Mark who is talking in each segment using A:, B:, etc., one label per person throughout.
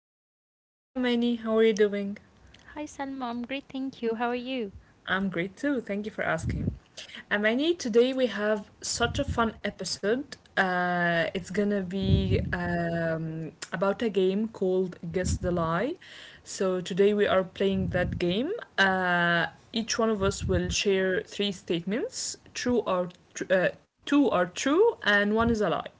A: me. Hi, Amani, how are you doing?
B: Hi Salma, I'm great, thank you. How are you?
A: I'm great too. Thank you for asking. Amani, today we have such a fun episode. It's gonna be about a game called Guess the Lie. So, today we are playing that game. Uh, each one of us will share three statements two are true, and one is a lie.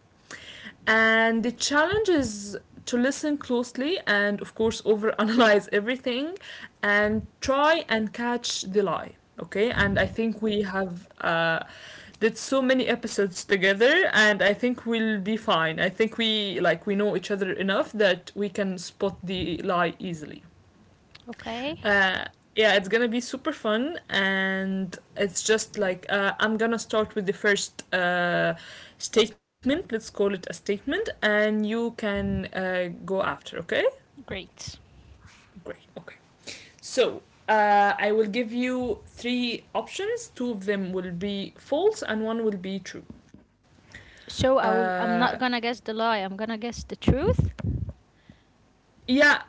A: And the challenge is to listen closely and, of course, overanalyze everything and try and catch the lie. Okay, and I think we have did so many episodes together, and I think we'll be fine. I think we we know each other enough that we can spot the lie easily.
B: Okay,
A: Uh, yeah, it's gonna be super fun, and it's just like I'm gonna start with the first statement. Let's call it a statement, and you can go after. Okay?
B: great.
A: Great. Okay. So I will give you three options. Two of them will be false, and one will be true.
B: So I will.
A: Uh,
B: I'm not gonna guess the lie. I'm gonna guess the truth.
A: yeah.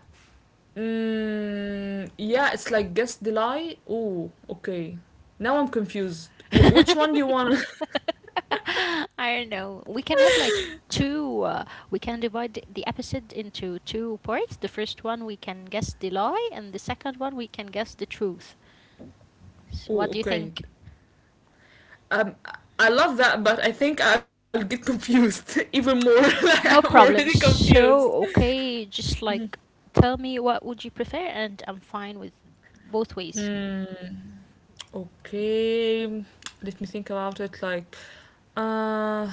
A: Mm, yeah, it's like guess the lie. Oh, okay. Now I'm confused. Which one do you want?
B: I don't know. We can have like two. We can divide the episode into two parts. The first one we can guess the lie, and the second one we can guess the truth. S what do you
A: Oh,
B: think?
A: okay. Um, I love that, but I think I'll get confused even more.
B: No
A: I'm
B: problem.
A: already
B: So
A: confused.
B: okay, just like tell me what would you prefer, and I'm fine with both ways.
A: Hmm. Okay. Let me think about it. Uh,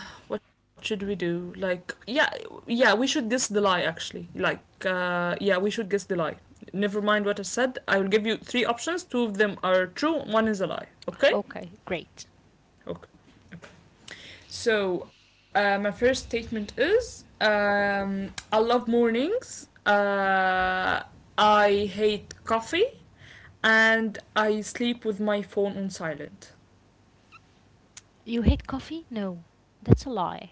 A: what should we do? Yeah, yeah, we should guess the lie actually. Yeah, we should guess the lie. Never mind what I said. I will give you three options. Two of them are true. One is a lie. Okay.
B: Okay, great.
A: Okay. So my first statement is I love mornings. I hate coffee, and I sleep with my phone on silent.
B: You hate coffee? No, that's a lie.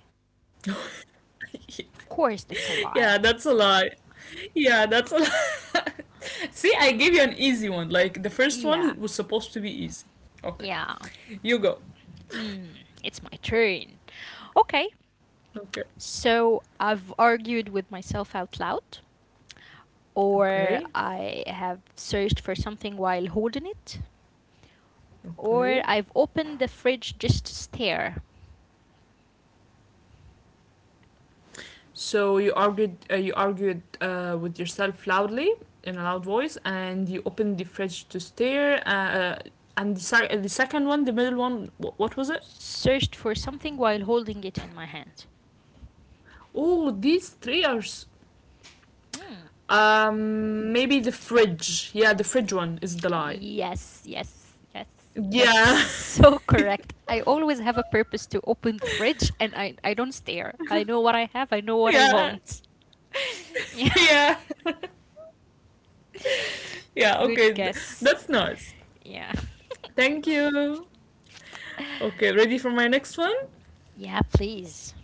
B: Of course, that's a
A: Yeah,
B: lie.
A: that's a lie. Yeah, that's a lie. See, I gave you an easy one. Like the first
B: Yeah,
A: one was supposed to be easy. Okay,
B: yeah.
A: you go.
B: Mm, it's my turn. Okay,
A: Okay,
B: so I've argued with myself out loud, or
A: okay,
B: I have searched for something while holding it, or
A: okay.
B: I've opened the fridge just to stare,
A: So you argued with yourself loudly in a loud voice, and you opened the fridge to stare. And the second one, the middle one, what was it?
B: searched for something while holding it in my hand.
A: Oh, these three are.
B: Hmm.
A: Maybe the fridge. Yeah, the fridge one is the lie.
B: Yes, yes, yes. That's
A: Yeah,
B: so correct. I always have a purpose to open the fridge and I don't stare. I know what I have, I know what I
A: yeah,
B: want. Yeah,
A: yeah, yeah.
B: good
A: Okay,
B: guess.
A: that's nice.
B: Yeah.
A: Thank you. Okay, ready for my next one?
B: Yeah, please.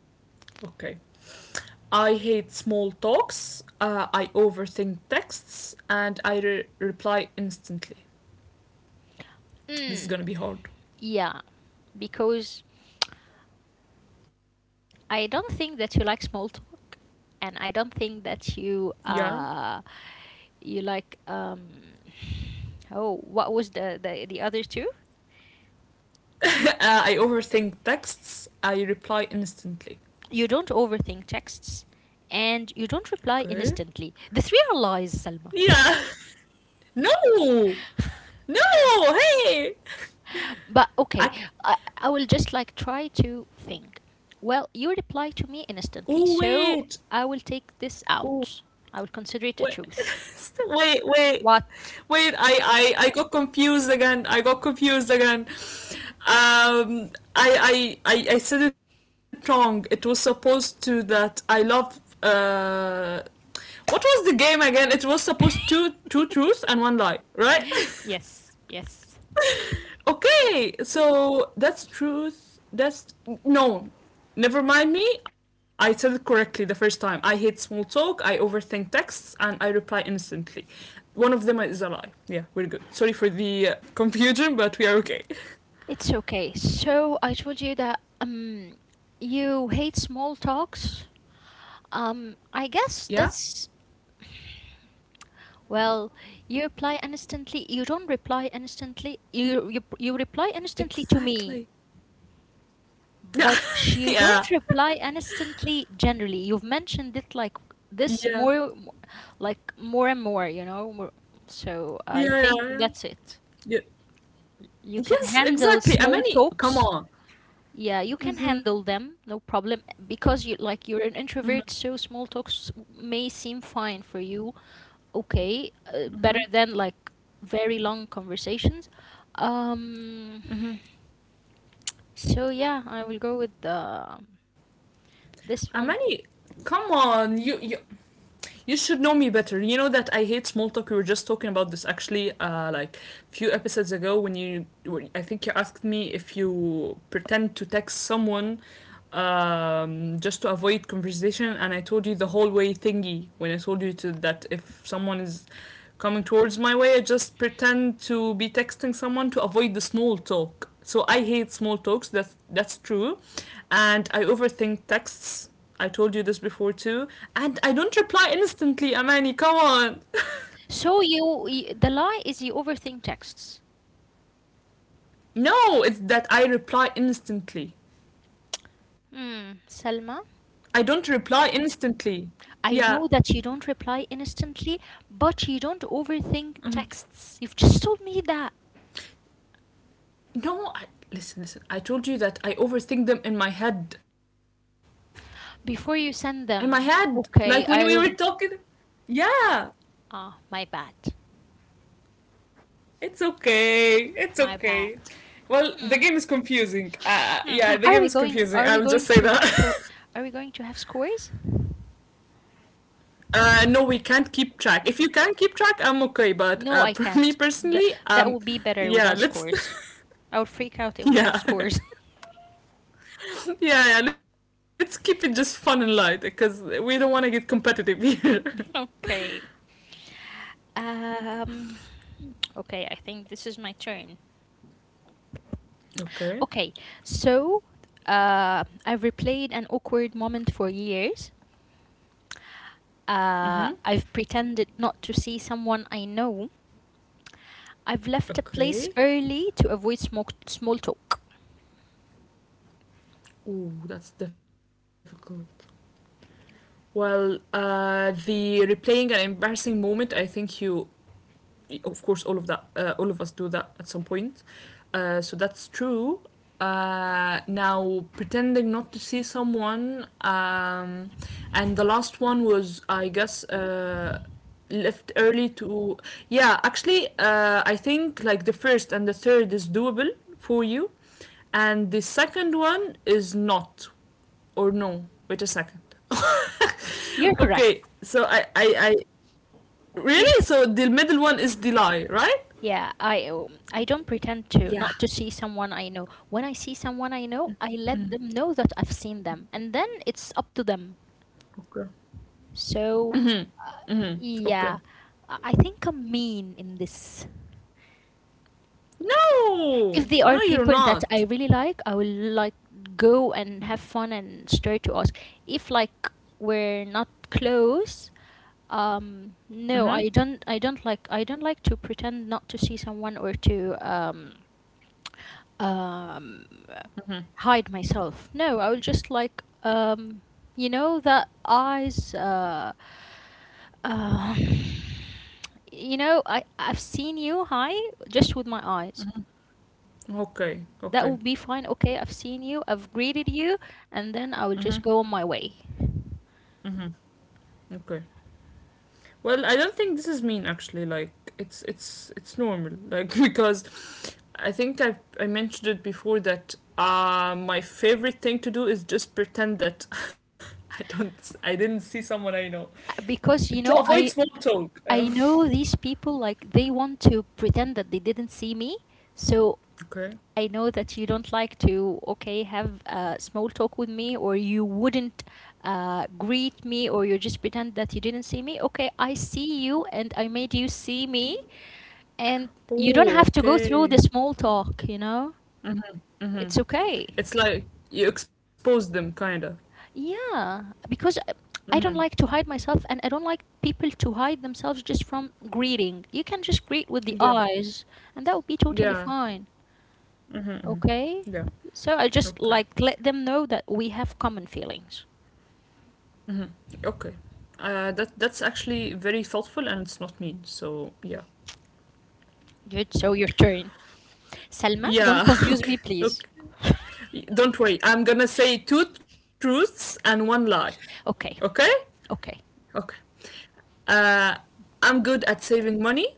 A: Okay. I hate small talks, I overthink texts, and I reply instantly. This is
B: Mm,
A: gonna be hard.
B: yeah, because I don't think that you like small talk and I don't think that you
A: Yeah.
B: you like oh, what was the other two?
A: I overthink texts, I reply instantly.
B: You don't overthink texts and you don't reply
A: Okay.
B: instantly. The three are lies, Salma.
A: Yeah. No! No! Hey!
B: But okay,
A: I...
B: I will just like try to think. Well, you reply to me instantly,
A: Oh,
B: so
A: wait.
B: I will take this
A: Oh,
B: out. I will consider it a
A: wait,
B: truth.
A: wait, wait,
B: What?
A: wait! I got confused again. I got confused again. Um, I said it wrong. It was supposed to that I love. What was the game again? It was supposed to two truths and one lie, right?
B: Yes, yes.
A: Okay, so that's truth. That's no. Never mind me. I said it correctly the first time. I hate small talk. I overthink texts, and I reply instantly. One of them is a lie. Yeah, we're good. Sorry for the confusion, but we are okay.
B: It's okay. So I told you that you hate small talks. I
A: Yeah,
B: guess that's Well, you reply instantly. You don't reply instantly. You, you reply instantly to me,
A: exactly. Yeah,
B: but you
A: yeah,
B: don't reply instantly generally. You've mentioned it like this
A: yeah,
B: more, like more and more. You know, more, so I
A: yeah,
B: think
A: yeah, yeah.
B: that's it.
A: yeah.
B: You can
A: Yes,
B: handle
A: exactly.
B: small
A: Amani, come
B: talks.
A: on.
B: Yeah, you can handle them, no problem, because you like you're an introvert, so small talks may seem fine for you okay, better than like very long conversations. Um, so yeah, I will go with
A: Amani,
B: this one.
A: come on. You should know me better. You know that I hate small talk. We were just talking about this actually, like a few episodes ago when I think you asked me if you pretend to text someone just to avoid conversation. And I told you the whole way thingy when I told you to that if someone is coming towards my way, I just pretend to be texting someone to avoid the small talk. So I hate small talks. That's true, and I overthink texts. I told you this before too, and I don't reply instantly. Amani, come on.
B: So you, y the lie is you overthink texts.
A: No, it's that I reply instantly.
B: Hmm,
A: I
B: Selma,
A: don't reply instantly. Yeah,
B: I know that you don't reply instantly, but you don't overthink texts. You've just told me that
A: no, listen, listen. I told you that I overthink them in my head.
B: before
A: In my
B: you send
A: head,
B: them.
A: like when we were
B: Okay,
A: talking.
B: I,
A: Yeah,
B: ah, my bad,
A: it's okay. It's
B: my bad.
A: okay. Well, the
B: Hmm,
A: game is confusing.
B: hmm.
A: Yeah, the
B: Are
A: game
B: we
A: is
B: going?
A: confusing.
B: Are
A: I
B: we
A: will
B: going
A: just say
B: to, to?
A: that.
B: Are we going to have scores?
A: No, we can't keep track. If you can keep track, I'm okay. But
B: No, I
A: for me
B: can't. Th-
A: personally,
B: that would be better
A: yeah,
B: without
A: let's.
B: scores. I would freak out if we have
A: Yeah,
B: scores.
A: yeah, yeah. Let's keep it just fun and light because we don't want to get competitive here.
B: Okay. Um, okay, I think this is my turn.
A: Okay.
B: Okay, so I've replayed an awkward moment for years.
A: Mm-hmm.
B: I've pretended not to see someone I know. I've left a place
A: Okay.
B: early to avoid small talk.
A: Ooh, that's difficult. Well, the replaying an embarrassing moment. I think of course, all of that, all of us do that at some point. So that's true. Now pretending not to see someone. And the last one was, I guess, left early to. Yeah, actually, I think like the first and the third is doable for you, and the second one is not or no? Wait a second.
B: You're correct.
A: Okay, so I
B: You're
A: really
B: correct.
A: so the middle one is the lie, right?
B: Yeah, I don't pretend to
A: Yeah.
B: not to see someone I know. When I see someone I know, I let them know that I've seen them, and then it's up to them.
A: Okay.
B: So, uh,
A: Mm-hmm. Okay.
B: yeah, I think I'm mean in this.
A: No,
B: If they are
A: no, you're
B: people that I
A: not.
B: really like, I will like go and have fun and start to ask. If like we're not close,
A: Mm-hmm.
B: no, I don't. I don't like. I don't like to pretend not to see someone or to um hide myself. No, I will just like you know that eyes uh you know I've seen you hi just with my eyes.
A: Okay.
B: That would be
A: Okay.
B: fine. Okay, I've seen you. I've greeted you and then I will
A: Mm-hmm.
B: just go on my way.
A: Mm-hmm. Okay. Well, I don't think this is mean actually. It's it's normal. Like because I think I mentioned it before that my favorite thing to do is just pretend that I didn't see someone I know
B: Because
A: to
B: you know
A: avoid small
B: I
A: talk.
B: I know these people like they want to pretend that they didn't see me. So
A: Okay.
B: I know that you don't like to, okay, have a small talk with me, or you wouldn't greet me, or you just pretend that you didn't see me. Okay, I see you and I made you see me, and you don't
A: Oh,
B: have to go through
A: okay.
B: the small talk, you know?
A: Hmm.
B: It's okay.
A: It's like you expose them, kind of.
B: Yeah, because
A: Hmm.
B: I don't like to hide myself and I don't like people to hide themselves just from greeting. You can just greet with the
A: Yeah.
B: eyes, and that would be totally
A: Yeah.
B: fine.
A: Hmm.
B: Okay.
A: Yeah.
B: So I just
A: Okay.
B: like let them know that we have common feelings.
A: Hmm. Okay. That's actually very thoughtful, and it's not mean. So yeah.
B: Good. So your turn. Salma,
A: Yeah.
B: don't confuse
A: Okay.
B: me,
A: Okay.
B: please.
A: Don't worry. I'm gonna say two truths and one lie. Okay.
B: Okay. Okay.
A: Okay. Uh, I'm good at saving money.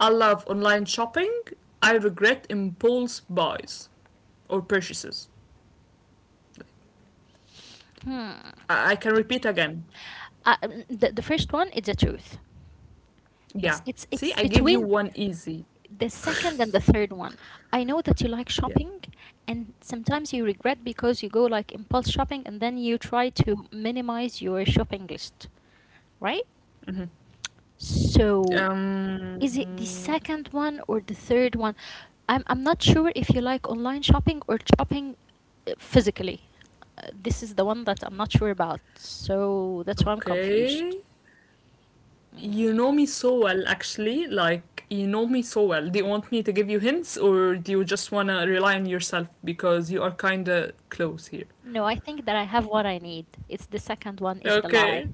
A: I love online shopping. I regret impulse buys or purchases.
B: Hmm.
A: I can repeat again.
B: The first one is the truth. This
A: Yeah.
B: it's
A: See, I
B: between
A: give you one easy.
B: the second and the third one. I know that you like shopping
A: Yeah.
B: and sometimes you regret because you go like impulse shopping and then you try to minimize your shopping list, right? So is it the
A: Um.
B: second one or the third one? I'm not sure if you like online shopping or shopping physically. This is the one that I'm not sure about, so that's why I'm confused.
A: Okay. You
B: Mm.
A: know me so well, actually. Like you know me so well. Do you want me to give you hints, or do you just wanna rely on yourself because you are kinda close here?
B: No, I think that I have what I need. It's the second one is the lie.
A: Okay.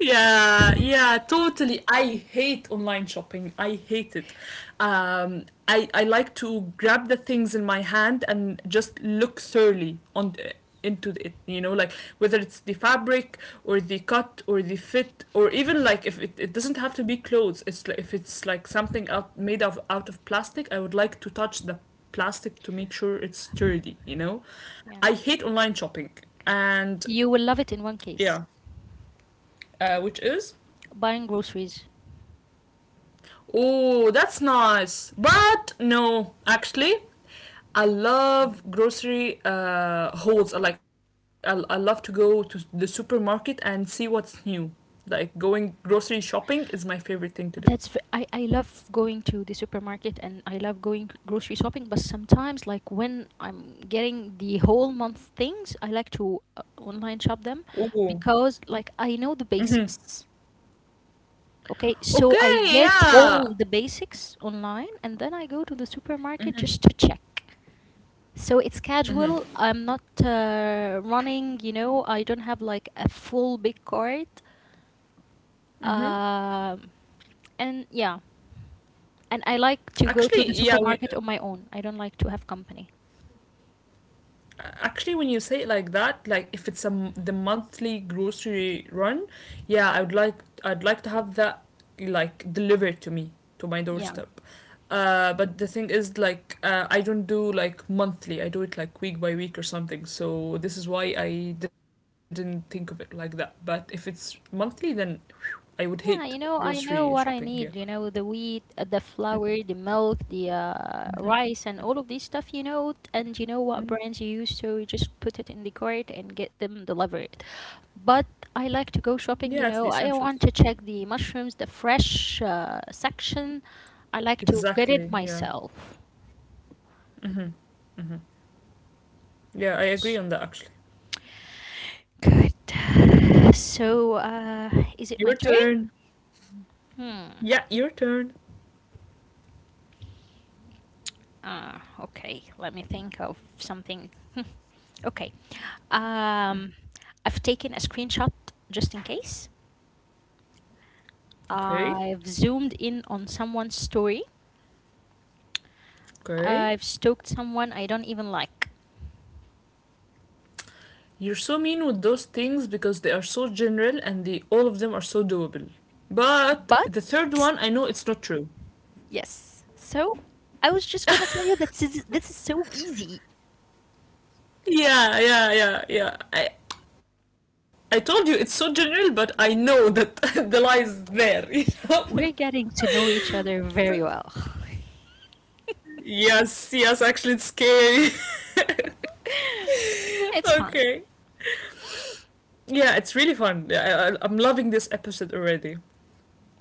A: Yeah, yeah, totally. I hate online shopping. I hate it. I like to grab the things in my hand and just look thoroughly on into it. You know, like whether it's the fabric or the cut or the fit or even like if it, it doesn't have to be clothes. It's like if it's like something out made of out of plastic. I would like to touch the plastic to make sure it's sturdy. You know,
B: Yeah.
A: I hate online shopping and
B: You will love it in one case.
A: yeah, which is.
B: Buying groceries.
A: Oh, that's nice. But no, actually, I love grocery hauls. Like I love to go to the supermarket and see what's new. Like going grocery shopping is my favorite thing to do.
B: That's v- I love going to the supermarket and I love going grocery shopping, but sometimes like when I'm getting the whole month things, I like to online shop them
A: Oh,
B: because like I know the basics. Okay, so
A: okay,
B: I get
A: yeah.
B: all the basics online and then I go to the supermarket just to check. So it's casual. I'm not running, you know, I don't have like a full big cart. Um, and yeah, And I like to go to
A: Actually,
B: the
A: yeah. We,
B: supermarket on my own. I don't like to have company.
A: actually when you say it like that like if it's a m the monthly grocery run, yeah, I would like I'd like to have that like delivered to me to my
B: Yeah.
A: doorstep but the thing is like I don't do like monthly, I do it like week by week or something, so this is why I didn't think of it like that, but if it's monthly then I would hate
B: Yeah, you know,
A: grocery
B: I know
A: shopping
B: what
A: yeah.
B: I need, you know, the wheat, the flour, the milk, the rice, and all of this stuff, you know, and you know what
A: Mm.
B: brands you use, so you just put it in the cart and get them delivered. But I like
A: Yeah,
B: to
A: it's
B: go
A: the
B: shopping, you
A: essentials.
B: know, I want to check the mushrooms, the fresh section. I like to get
A: Exactly,
B: it
A: yeah.
B: myself.
A: Mm-hmm. Mm-hmm. Yeah, I agree on that actually.
B: Good. So,
A: Your
B: is it my
A: turn.
B: turn?
A: Yeah,
B: Hmm.
A: your turn.
B: Okay, let me think of something. Okay, um, I've taken a screenshot just in case.
A: Okay,
B: I've zoomed in on someone's story.
A: okay.
B: I've stalked someone I don't even like.
A: You're so mean with those things because they are so general and they all of them are so doable. But
B: But
A: the third one, I know it's not true.
B: yes, so I was just gonna tell you that this is so easy.
A: Yeah. I told you it's so general, but I know that the lie is there. You know.
B: We're getting to know each other very well.
A: Yes, yes. Actually, it's scary.
B: It's fun.
A: Okay. Yeah, it's really fun. Yeah, I'm loving this episode already.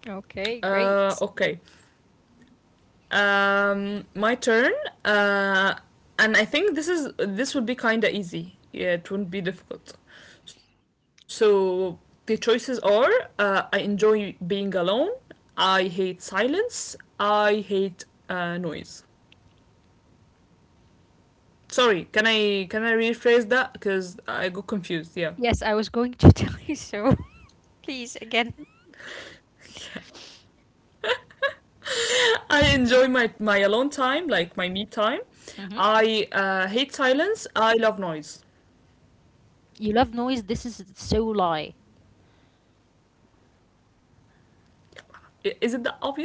B: Okay, great.
A: Okay. My turn. Uh, and I think this would be kind of easy. Yeah, it wouldn't be difficult. So the choices are: I enjoy being alone. I hate silence. I hate noise. Sorry, can I rephrase that? Because I got confused. Yeah,
B: Yes, I was going to tell you so. Please, again.
A: I enjoy my alone time, like my me time.
B: Hmm
A: I hate silence. I love noise.
B: You love noise. This is so lie.
A: Is it that obvious?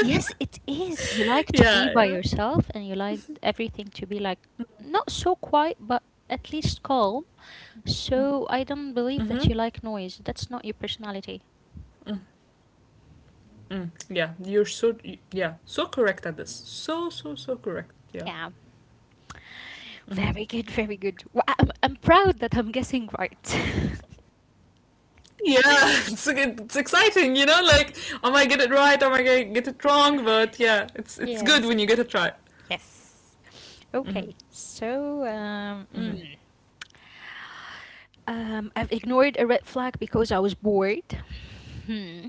B: Yes, it is. You like
A: Yeah,
B: to
A: yeah.
B: be by yourself and you like everything to be like not so quiet, but at least calm. So I don't believe that
A: Mm.
B: you like noise. That's not your personality.
A: Mm, yeah, you're yeah so correct at this. So correct. Yeah.
B: Yeah. Very good, very good. Well, I- I'm proud that I'm guessing right.
A: Yeah, it's exciting, you know. Like, am I might get it right, Am I might get it wrong, but yeah, it's good when you
B: yes.
A: get it right.
B: Yes.
A: Mm-hmm,
B: Okay. So,
A: mm-hmm,
B: I've ignored a red flag because I was bored. Hmm.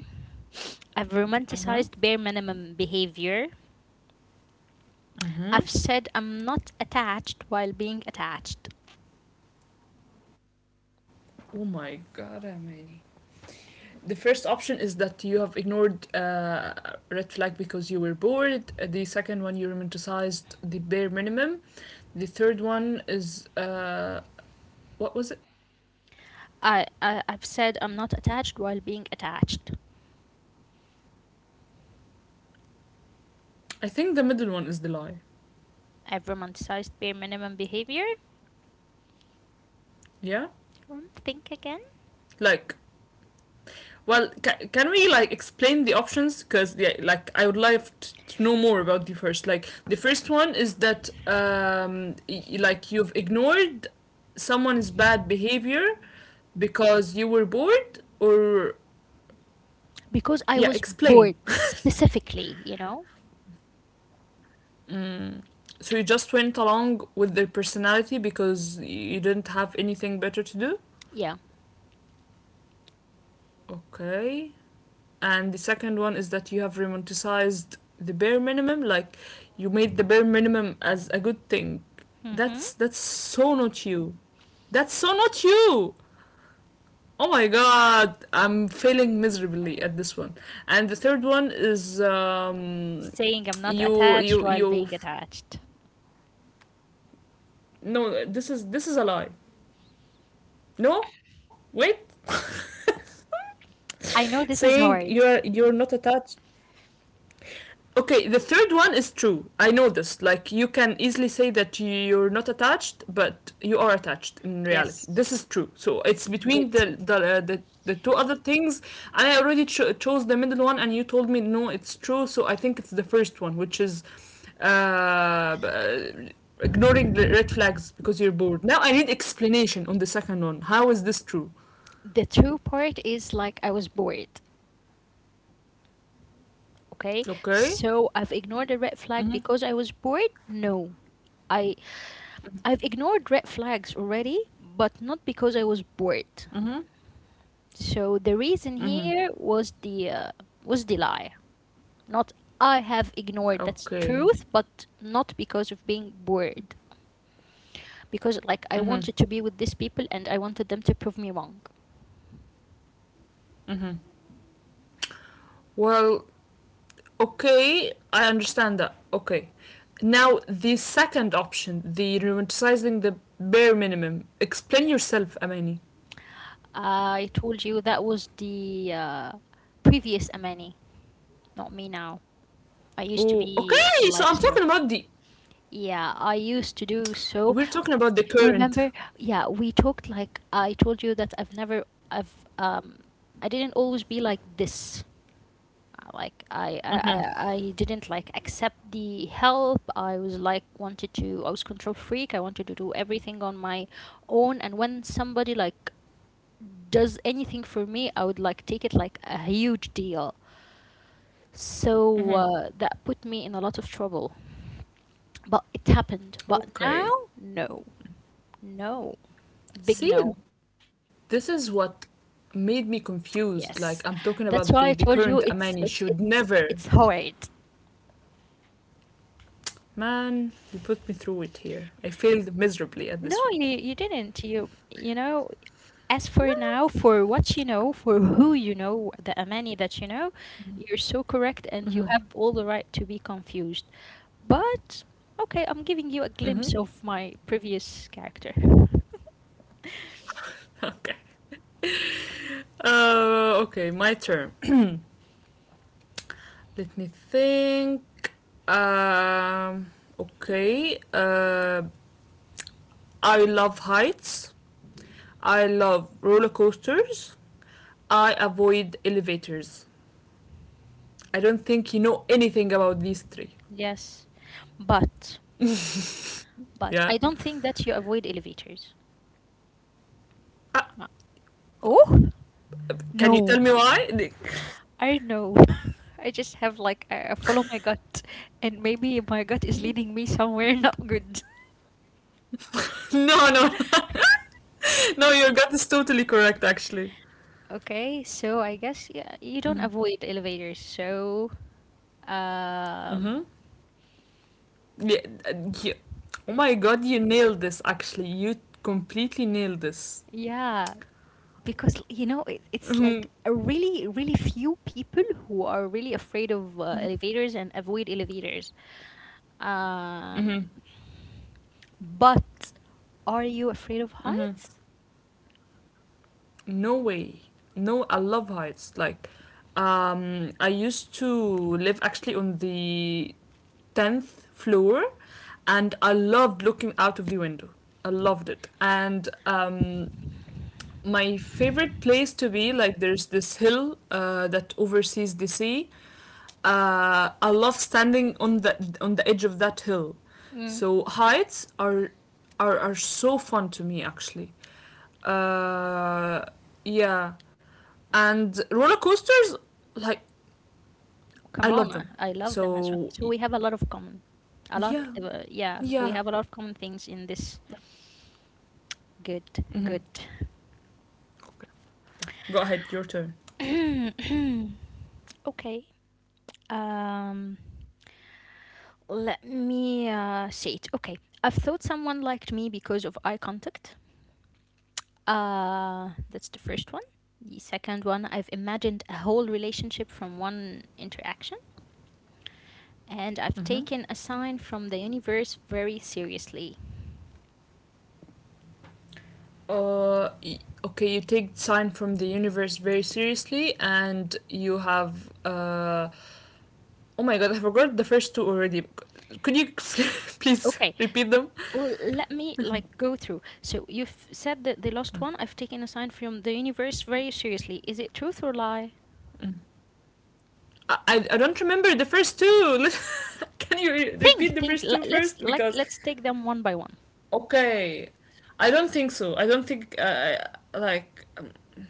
B: I've
A: mm-hmm,
B: romanticized bare minimum behavior.
A: mm-hmm.
B: I've said I'm not attached while being attached.
A: Oh my god, Amani. The first option is that you have ignored red flag because you were bored. The second one, you romanticized the bare minimum. The third one is what was it?
B: I've said I'm not attached while being attached.
A: I think the middle one is the lie.
B: I've romanticized bare minimum behavior.
A: Yeah,
B: Think again.
A: like well, can we like explain the options? Because yeah, like I would like to know more about the first. Like the first one is that like you've ignored someone's bad behavior because you were bored, or
B: Because I
A: yeah,
B: was
A: explain.
B: bored specifically, you know?
A: Mm. So you just went along with their personality because you didn't have anything better to do.
B: Yeah.
A: Okay. And the second one is that you have romanticized the bare minimum, like you made the bare minimum as a good thing.
B: Mm-hmm.
A: That's so not you. That's so not you. Oh my god, I'm failing miserably at this one. And the third one is
B: Saying I'm not
A: you
B: attached
A: you
B: while
A: you.
B: being attached.
A: No, this is a lie. No, wait.
B: I know this is
A: Saying
B: hard.
A: you're not attached. Okay, the third one is true. I know this. Like you can easily say that you're not attached, but you are attached in reality.
B: Yes.
A: This is true. So it's
B: Good.
A: between the two other things. I already chose the middle one, and you told me no, it's true. So I think it's the first one, which is uh, b- ignoring the red flags because you're bored. Now I need explanation on the second one. How is this true?
B: The true part is like I was bored. Okay,
A: Okay,
B: so I've ignored a red flag because I was bored. No, i I've ignored red flags already, but not because I was bored. So the reason here was the lie, not I have ignored. That's
A: okay.
B: truth, but not because of being bored, because like I wanted to be with these people and I wanted them to prove me wrong.
A: Well, okay, I understand that. Okay. Now, the second option, the romanticizing the bare minimum. Explain yourself, Amani.
B: I told you that was the previous Amani, not me now. I used to
A: Oh,
B: be
A: okay. So
B: like
A: I'm
B: so
A: talking about the.
B: Yeah, I used to do so.
A: We're talking about the current.
B: Remember, yeah, we talked like I told you that I've, um, I didn't always be like this. Like I didn't like accept the help. I was like wanted to. I was control freak. I wanted to do everything on my own. And when somebody like does anything for me, I would like take it like a huge deal.
A: Mm-hmm.
B: So that put me in a lot of trouble. But it happened. But
A: Okay.
B: now, no, no. A big
A: See,
B: no.
A: this is what made me confused. Like, I'm talking
B: Yes.
A: about the
B: That's why I
A: current
B: told you
A: Amani.
B: it's
A: Should
B: it's it's
A: never.
B: it's hard.
A: Man, you put me through it here. I failed miserably at
B: No,
A: this one.
B: you didn't. You know, as for now, for what you know, for who you know, the Amani that you know, you're so correct and you have all the right to be confused. But okay, I'm giving you a
A: Mm-hmm.
B: glimpse of my previous character.
A: Okay. Okay, my turn. Let me think. Um, okay. I love heights. I love roller coasters. I avoid elevators. I don't think you know anything about these three.
B: Yes. But but
A: Yeah.
B: I don't think that you avoid elevators.
A: Uh,
B: Uh, Oh,
A: can you tell
B: no.
A: me why?
B: I don't know. I just have like I follow my gut, and maybe my gut is leading me somewhere not good.
A: No, no, no. Your gut is totally correct, actually.
B: Okay, so I guess yeah, you don't avoid elevators. Um,
A: Mm-hmm. Yeah, yeah. Oh my god, you nailed this. Actually, you completely nailed this.
B: yeah, because you know it's
A: Mm-hmm.
B: like a really few people who are really afraid of elevators and avoid elevators. Um,
A: Mm-hmm.
B: but are you afraid of heights?
A: No way. No, I love heights. Like, I used to live actually on the 10th floor and I loved looking out of the window. I loved it. And my favorite place to be, like, there's this hill that oversees the sea. I love standing on the edge of that hill. So heights are are so fun to me actually. Uh, yeah, and roller coasters, like, I
B: Come
A: love
B: on, I
A: them.
B: I love them as well.
A: So,
B: So we have a lot of common, a lot.
A: yeah.
B: Yeah, we
A: Yeah.
B: have a lot of common things in this. Good, good.
A: Go ahead, your turn.
B: Okay. Um, Let me see it. Okay, I've thought someone liked me because of eye contact. That's the first one. The second one, I've imagined a whole relationship from one interaction, and I've taken a sign from the universe very seriously.
A: Uh, okay, you take Sign from the Universe very seriously, and you have. Oh my god, I forgot the first two already. Could you please
B: Okay,
A: repeat them?
B: well, let me go through. So you've said that the last one, I've taken a sign from the universe very seriously. Is it truth or lie?
A: Don't remember the first two. Can you repeat
B: Think,
A: the
B: think.
A: first two
B: le- Let's
A: first?
B: like
A: Because.
B: let's take them one by one.
A: Okay. I don't think so. I don't think. Like.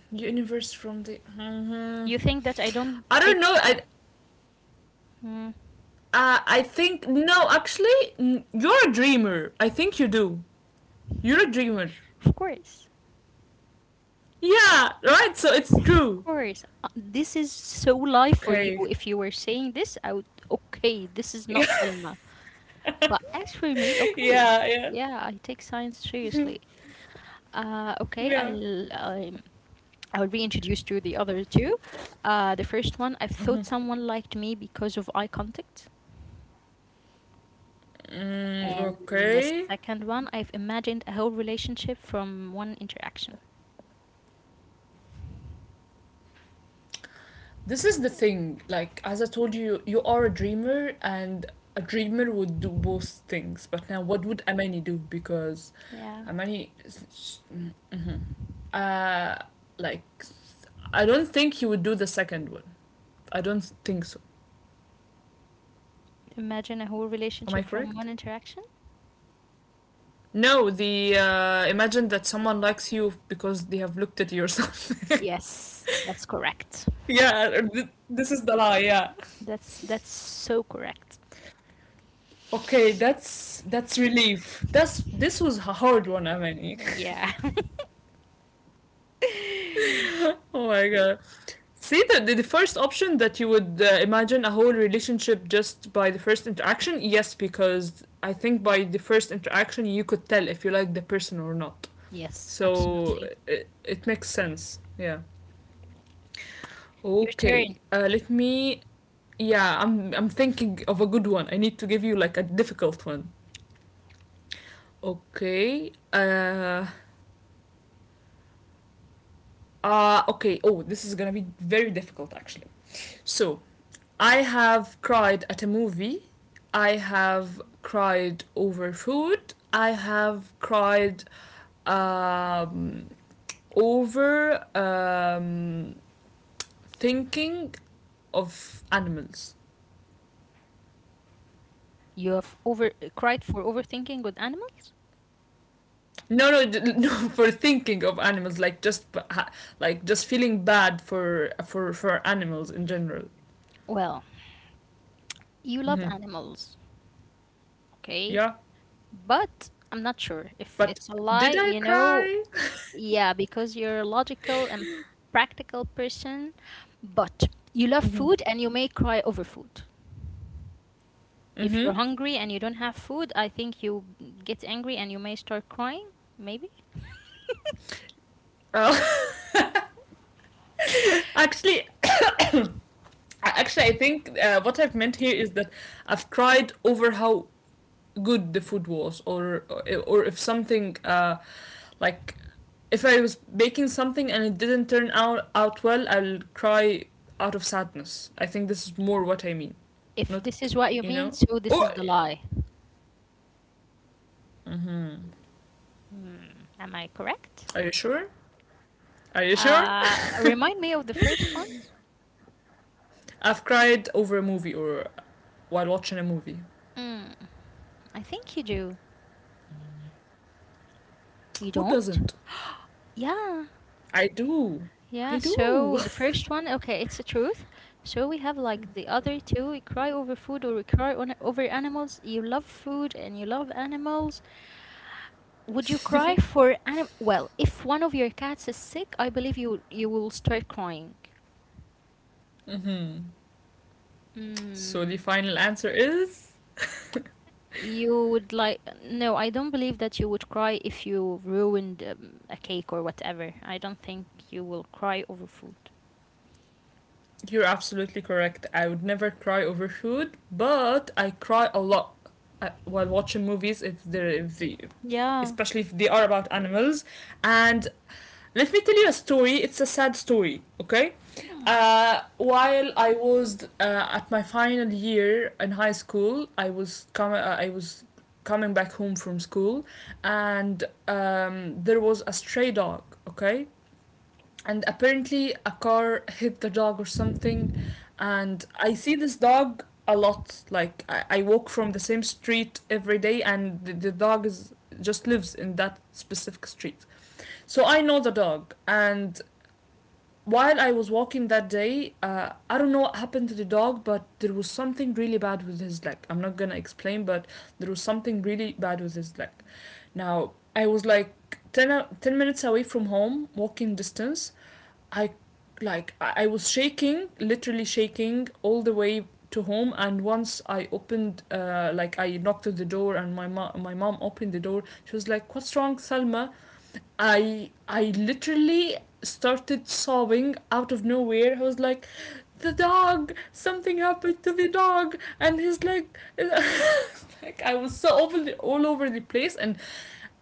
A: Universe from the. Mhm.
B: You think that I don't
A: I
B: take?
A: don't know.
B: Hmm,
A: I think no. Actually, you're a dreamer. I think you do. You're a dreamer.
B: of course,
A: Yeah. Right. So it's
B: of
A: true.
B: course. This is so lie for you.
A: Okay.
B: If you were saying this, I would okay. This is not
A: Yeah.
B: Selma. But as for me, okay,
A: Yeah.
B: yeah, I take science seriously. Uh, okay,
A: Yeah.
B: I'll. I'm I would be introduced to the other two. The first one, I thought someone liked me because of eye contact.
A: Mm,
B: And the
A: okay.
B: second one, I've imagined a whole relationship from one interaction.
A: This is the thing. Like as I told you, you are a dreamer, and a dreamer would do both things. But now, what would Amani do? Because
B: Yeah.
A: Amani. Mm, mhm. Uh, like I don't think he would do the second one. I don't think so.
B: Imagine a whole
A: Am I
B: relationship from one
A: correct?
B: interaction?
A: No, the imagine that someone likes you because they have looked at you or something.
B: Yes, that's correct.
A: Yeah, this is the lie. Yeah.
B: That's so correct.
A: Okay, that's relief. That's this was a hard one, Amani.
B: Yeah.
A: Oh my god. See the first option that you would imagine a whole relationship just by the first interaction. Yes, because I think by the first interaction you could tell if you like the person or not.
B: Yes,
A: So
B: absolutely.
A: it makes sense. Yeah.
B: Your
A: Okay.
B: turn.
A: Let me. Yeah, I'm thinking of a good one. I need to give you like a difficult one. Okay. Okay. Oh, this is gonna be very difficult actually. So I have cried at a movie. I have cried over food. I have cried um, over thinking of animals.
B: You have over cried for overthinking with animals?
A: No, no, no. For thinking of animals, like just feeling bad for for animals in general.
B: Well, you love animals, okay?
A: Yeah,
B: But I'm not sure if
A: but
B: it's a lie,
A: did I
B: you know.
A: cry?
B: Yeah, because you're a logical and practical person, but you love food and you may cry over food. If
A: Mm-hmm.
B: you're hungry and you don't have food, I think you get angry and you may start crying, maybe.
A: Oh. Actually, actually, I think what I've meant here is that I've cried over how good the food was or if something like if I was baking something and it didn't turn out out well, I'll cry out of sadness. I think this is more what I mean.
B: If
A: Not
B: this is what you
A: you
B: mean,
A: know.
B: so this
A: Oh,
B: is the lie. Hmm, am I correct?
A: are you sure? Are you sure?
B: Remind me of the first one.
A: I've cried over a movie or while watching a movie.
B: Mm, I think you do. You
A: Who
B: don't?
A: doesn't?
B: Yeah.
A: I do.
B: Yeah,
A: I
B: so
A: do.
B: the first one, okay, it's the truth. So we have like the other two, we cry over food or we cry on, over animals. You love food and you love animals. Would you cry for anim? Well, if one of your cats is sick, I believe you will start crying.
A: Hmm. So
B: Mm,
A: the final answer is
B: you would like, no, I don't believe that you would cry if you ruined a cake or whatever. I don't think you will cry over food.
A: you're absolutely correct. I would never cry over food, but I cry a lot while watching movies if they,
B: Yeah.
A: especially if they are about animals. And let me tell you a story. It's a sad story. Okay. While I was at my final year in high school, I was coming. I was coming back home from school, and there was a stray dog. Okay, and apparently a car hit the dog or something, and I see this dog a lot, I walk from the same street every day, and the dog is just lives in that specific street, so I know the dog. And while I was walking that day, I don't know what happened to the dog, but there was something really bad with his leg. I'm not gonna explain, but there was something really bad with his leg. Now, I was like 10 minutes away from home, walking distance. I like I was shaking, literally shaking all the way to home. And once I opened like I knocked at the door, and my mom opened the door. She was like, what's wrong, Salma? I literally started sobbing out of nowhere. I was like, the dog, something happened to the dog, and he's like, like I was so over all over the place, and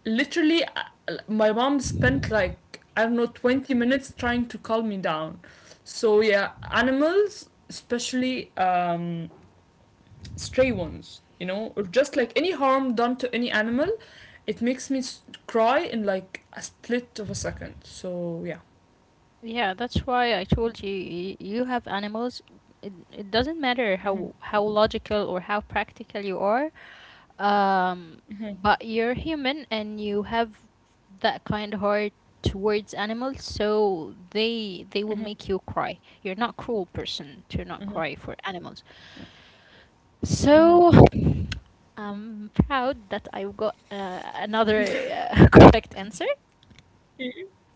A: literally, my mom spent like I don't know 20 minutes trying to calm me down. So yeah, animals, especially stray ones, you know, or just like any harm done to any animal, it makes me cry in like a split of a second. So yeah,
B: Yeah, that's why I told you you have animals. It doesn't matter how logical or how practical you are, um, but you're human and you have that kind heart towards animals, so they will make you cry. You're not cruel person to not cry for animals. So I'm proud that I got another correct answer.
A: Y-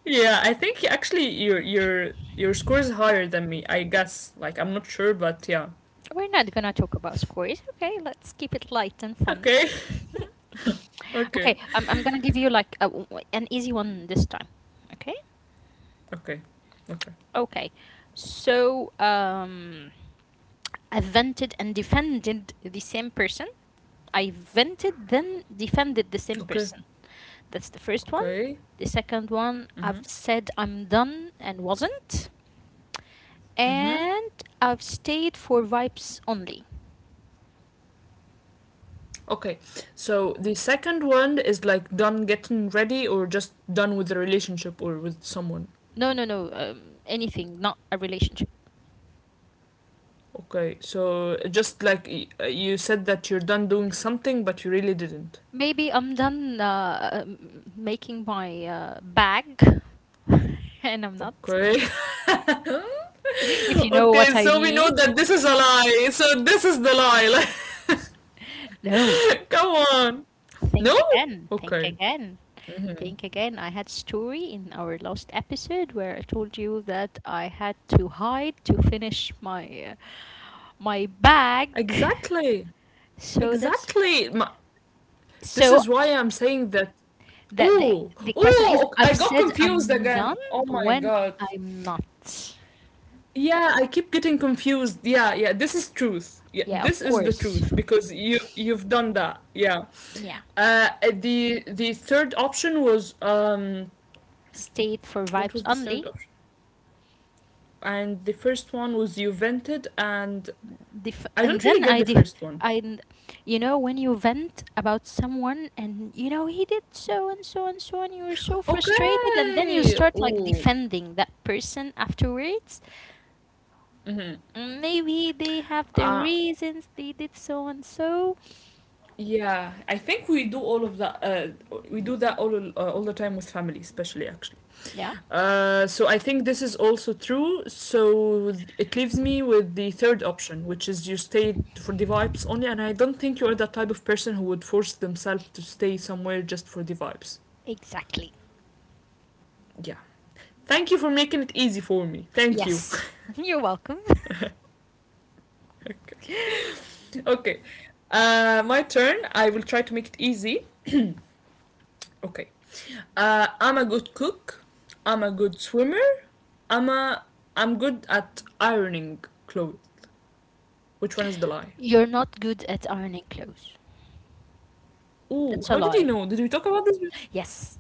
A: yeah. I think actually your your score is higher than me. I guess. Like I'm not sure, but yeah.
B: We're not gonna talk about scores. Okay? Let's keep it light and fun.
A: Okay. Okay.
B: Okay, I'm gonna give you like a, an easy one this time. Okay?
A: Okay. Okay.
B: Okay. So, um, I vented and defended the same person. I vented, then defended the same
A: Okay.
B: person. That's the first one.
A: Okay.
B: The second one, I've
A: Mhm.
B: said I'm done and wasn't.
A: Mhm.
B: And I've stayed for vibes only.
A: Okay. So the second one is like done getting ready or just done with the relationship or with someone.
B: No, no, no. Anything, not a relationship.
A: Okay, so just like you said that you're done doing something, but you really didn't.
B: Maybe I'm done making my bag, and I'm not.
A: Okay,
B: If you know
A: okay,
B: what I
A: so we
B: mean.
A: know that this is a lie. So this is the lie.
B: No,
A: Like, come on.
B: think
A: No?
B: again, think
A: Okay.
B: again, think again. I had story in our last episode where I told you that I had to hide to finish my my bag.
A: Exactly.
B: So that's
A: Exactly. This
B: so
A: is why I'm saying that.
B: that the
A: Oh,
B: the question is
A: oh,
B: I've
A: I got
B: said
A: confused
B: I'm
A: again.
B: done
A: Oh my
B: when
A: god.
B: I'm not.
A: Yeah, I keep getting confused. Yeah, yeah, this is truth. Yeah,
B: Yeah,
A: this
B: of
A: is the
B: course.
A: truth because you you've done that. Yeah.
B: Yeah.
A: The third option was um,
B: State for
A: what
B: vibes
A: was the third
B: only.
A: option? And the first one was you vented and
B: Def-
A: I
B: and
A: don't really
B: then
A: get
B: I
A: the
B: def-
A: first one.
B: I you know when you vent about someone and you know he did so and so and so and you were so frustrated and then you
A: Okay.
B: start like
A: Ooh.
B: defending that person afterwards, maybe they have their
A: Uh,
B: reasons, they did so and so.
A: Yeah, I think we do all of that. We do that all the time with family, especially actually.
B: Yeah,
A: So I think this is also true. So it leaves me with the third option, which is you stay for the vibes only. And I don't think you are that type of person who would force themselves to stay somewhere just for the vibes.
B: exactly.
A: Yeah. Thank you for making it easy for me. Thank you.
B: Yes. You're welcome.
A: Okay. Okay. My turn. I will try to make it easy. Okay. I'm a good cook. I'm a good swimmer. I'm a, I'm good at ironing clothes. Which one is the lie?
B: You're not good at ironing clothes.
A: Ooh,
B: That's a
A: how did you
B: lie.
A: know? Did we talk about this?
B: Yes.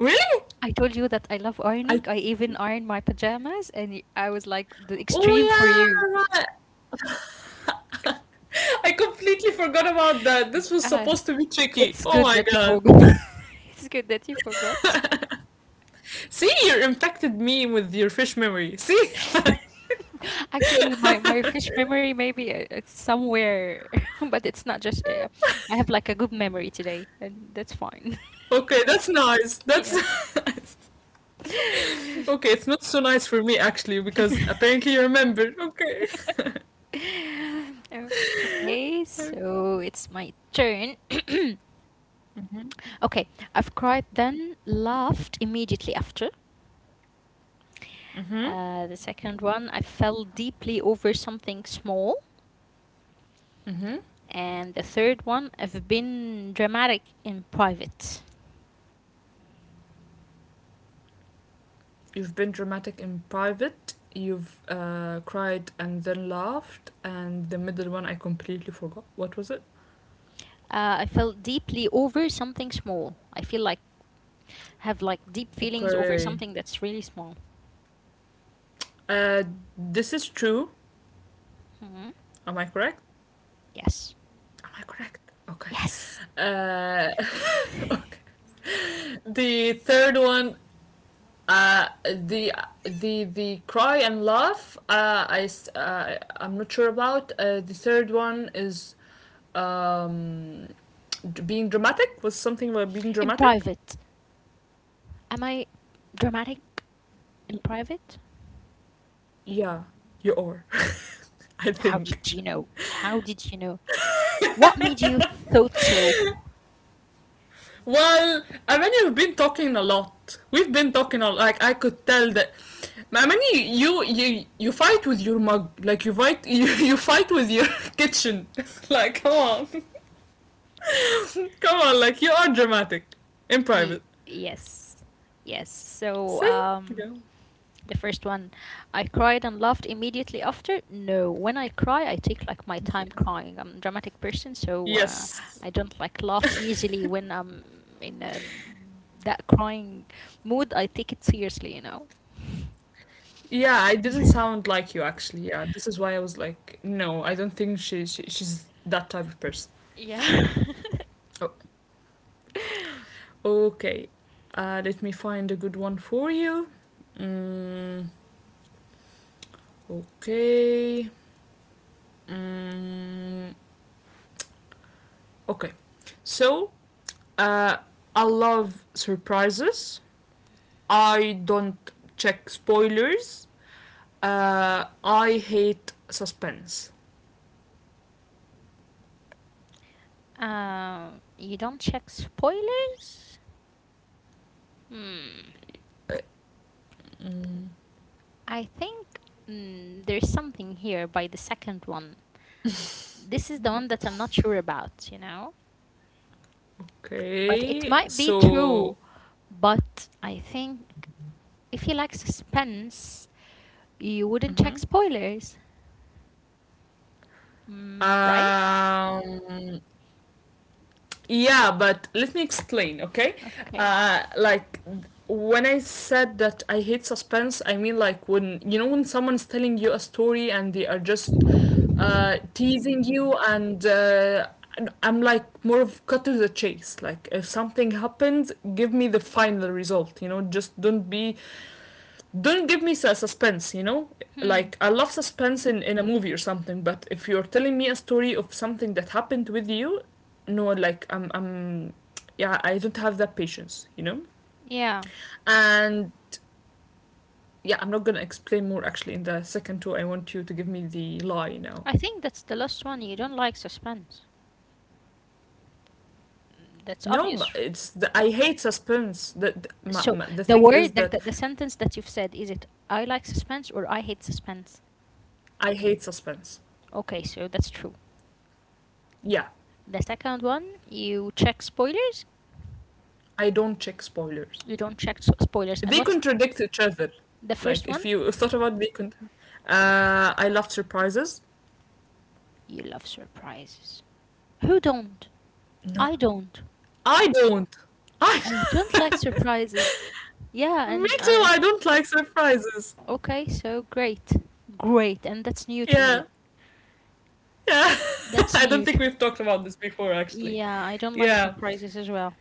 A: Really?
B: I told you that I love ironing.
A: I.
B: I even iron my pajamas, and I was like the
A: Oh
B: extreme for you.
A: yeah, right. I completely forgot about that. This was
B: Uh,
A: supposed to be tricky.
B: It's
A: Oh
B: good
A: my
B: that you
A: god.
B: forgot. It's good that you forgot.
A: See, you infected me with your fish memory. See?
B: Actually, my fish memory maybe it's somewhere, but it's not just. I have like a good memory today, and that's fine.
A: Okay, that's nice. That's
B: Yes.
A: nice. Okay, it's not so nice for me actually because apparently you remember. Okay.
B: Okay, so it's my turn. Okay, I've cried then laughed immediately after.
A: Mhm.
B: The second one, I fell deeply over something small.
A: Mhm.
B: And the third one, I've been dramatic in private.
A: You've been dramatic in private. You've cried and then laughed. And the middle one, I completely forgot. What was it?
B: I felt deeply over something small. I feel like have like deep feelings over
A: Okay.
B: something that's really small.
A: Uh, this is true.
B: Mhm.
A: Am I correct?
B: Yes.
A: Am I correct? Okay.
B: Yes.
A: Uh, okay. The third one, uh, the the cry and laugh. I'm not sure about. The third one is um, being dramatic. Was something about being
B: In
A: dramatic?
B: private. Am I dramatic in private?
A: Yeah, you are. I
B: How
A: think.
B: did you know? How did you know? What made you thought so?
A: Well, I mean, you've been talking a lot. We've been talking a lot. Like I could tell that. Amani, you fight with your mug. Like you fight you fight with your kitchen. Like come on, come on. Like you are dramatic in private.
B: Yes. Yes. So
A: See?
B: um,
A: Yeah,
B: the first one, I cried and laughed immediately after. No, when I cry, I take like my time
A: yeah.
B: crying. I'm a dramatic person, so
A: Yes.
B: I don't like laugh easily when I'm in that crying mood. I take it seriously, you know.
A: Yeah, I didn't sound like you actually. Yeah, this is why I was like, no, I don't think she, she's that type of person.
B: Yeah.
A: Oh, okay, let me find a good one for you. Mm, okay. Mm, okay. So, uh, I love surprises. I don't check spoilers. I hate suspense.
B: You don't check spoilers? Hmm.
A: Uh,
B: I think mm, there's something here by the second one. This is the one that I'm not sure about, you know? But it
A: Okay,
B: might be
A: so
B: true. But I think if you like suspense, you wouldn't check spoilers. Mm, right?
A: um, yeah, but let me explain, okay?
B: Okay.
A: Like when I said that I hate suspense, I mean like when you know when someone's telling you a story and they are just teasing you, and I'm like more of cut to the chase. Like if something happens, give me the final result. You know, just don't give me a suspense, you know.
B: Hmm.
A: Like I love suspense in a movie or something, but if you're telling me a story of something that happened with you, no, like I'm, yeah, I don't have that patience, you know.
B: Yeah.
A: And yeah, I'm not gonna explain more actually. In the second two I want you to give me the lie now.
B: I think that's the last one. You don't like suspense. Mm, that's
A: No, but
B: obvious.
A: it's the, I hate suspense,
B: So
A: the
B: the
A: thing is
B: word that
A: that
B: the sentence that you've said is it I like suspense or I hate suspense?
A: I hate suspense.
B: Okay, so that's true.
A: Yeah,
B: The second one, you check spoilers.
A: I don't check spoilers.
B: You don't check spoilers. And
A: They
B: what's
A: contradict each other.
B: the
A: Like
B: first one?
A: if you thought about I love surprises.
B: You love surprises. Who don't?
A: No,
B: I don't.
A: I don't. I
B: I don't like surprises. Yeah,
A: me
B: and
A: too.
B: I
A: I don't like surprises.
B: okay, so great. Great, and that's new to
A: Yeah,
B: me.
A: yeah.
B: That's
A: I don't
B: new
A: think
B: to,
A: we've talked about this before, actually.
B: yeah, I don't like
A: Yeah,
B: surprises as well.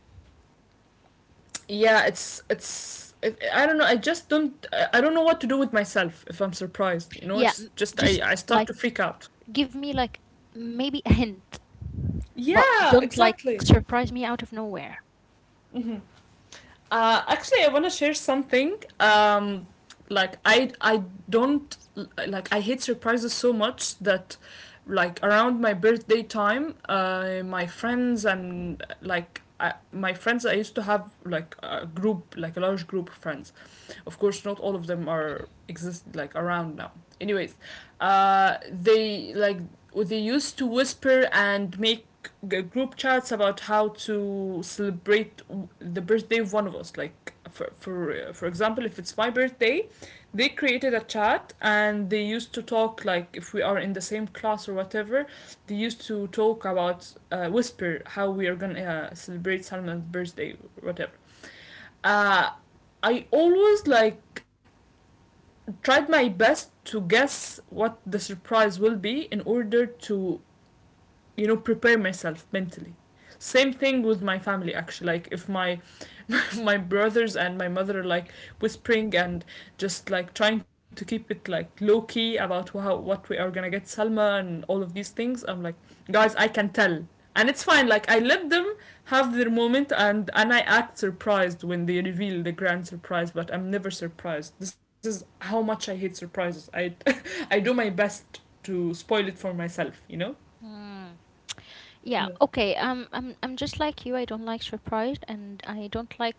A: yeah. I don't know. I just don't. I don't know what to do with myself if I'm surprised. You know,
B: Yeah,
A: it's just I
B: just
A: I start
B: like
A: to freak out.
B: give me like maybe a hint, but don't
A: Yeah,
B: like
A: exactly.
B: surprise me out of nowhere.
A: Actually, I want to share something. Um, like I don't, like I hate surprises so much that like around my birthday time, my friends and like I, my friends, I used to have like a group, like a large group of friends, of course, not all of them are exist like around now. Anyways, uh, they like they used to whisper and make group chats about how to celebrate the birthday of one of us. Like for example, if it's my birthday, they created a chat and they used to talk like if we are in the same class or whatever. They used to talk about whisper how we are gonna celebrate Salman's birthday, or whatever. Uh, I always like tried my best to guess what the surprise will be in order to, you know, prepare myself mentally. Same thing with my family actually. Like if my my brothers and my mother like whispering and just like trying to keep it like low key about how what we are gonna get Salma and all of these things. I'm like, guys, I can tell, and it's fine. Like I let them have their moment, and I act surprised when they reveal the grand surprise, but I'm never surprised. This is how much I hate surprises. I I do my best to spoil it for myself. You know.
B: Hmm. Yeah, okay. I'm just like you. I don't like surprised, and I don't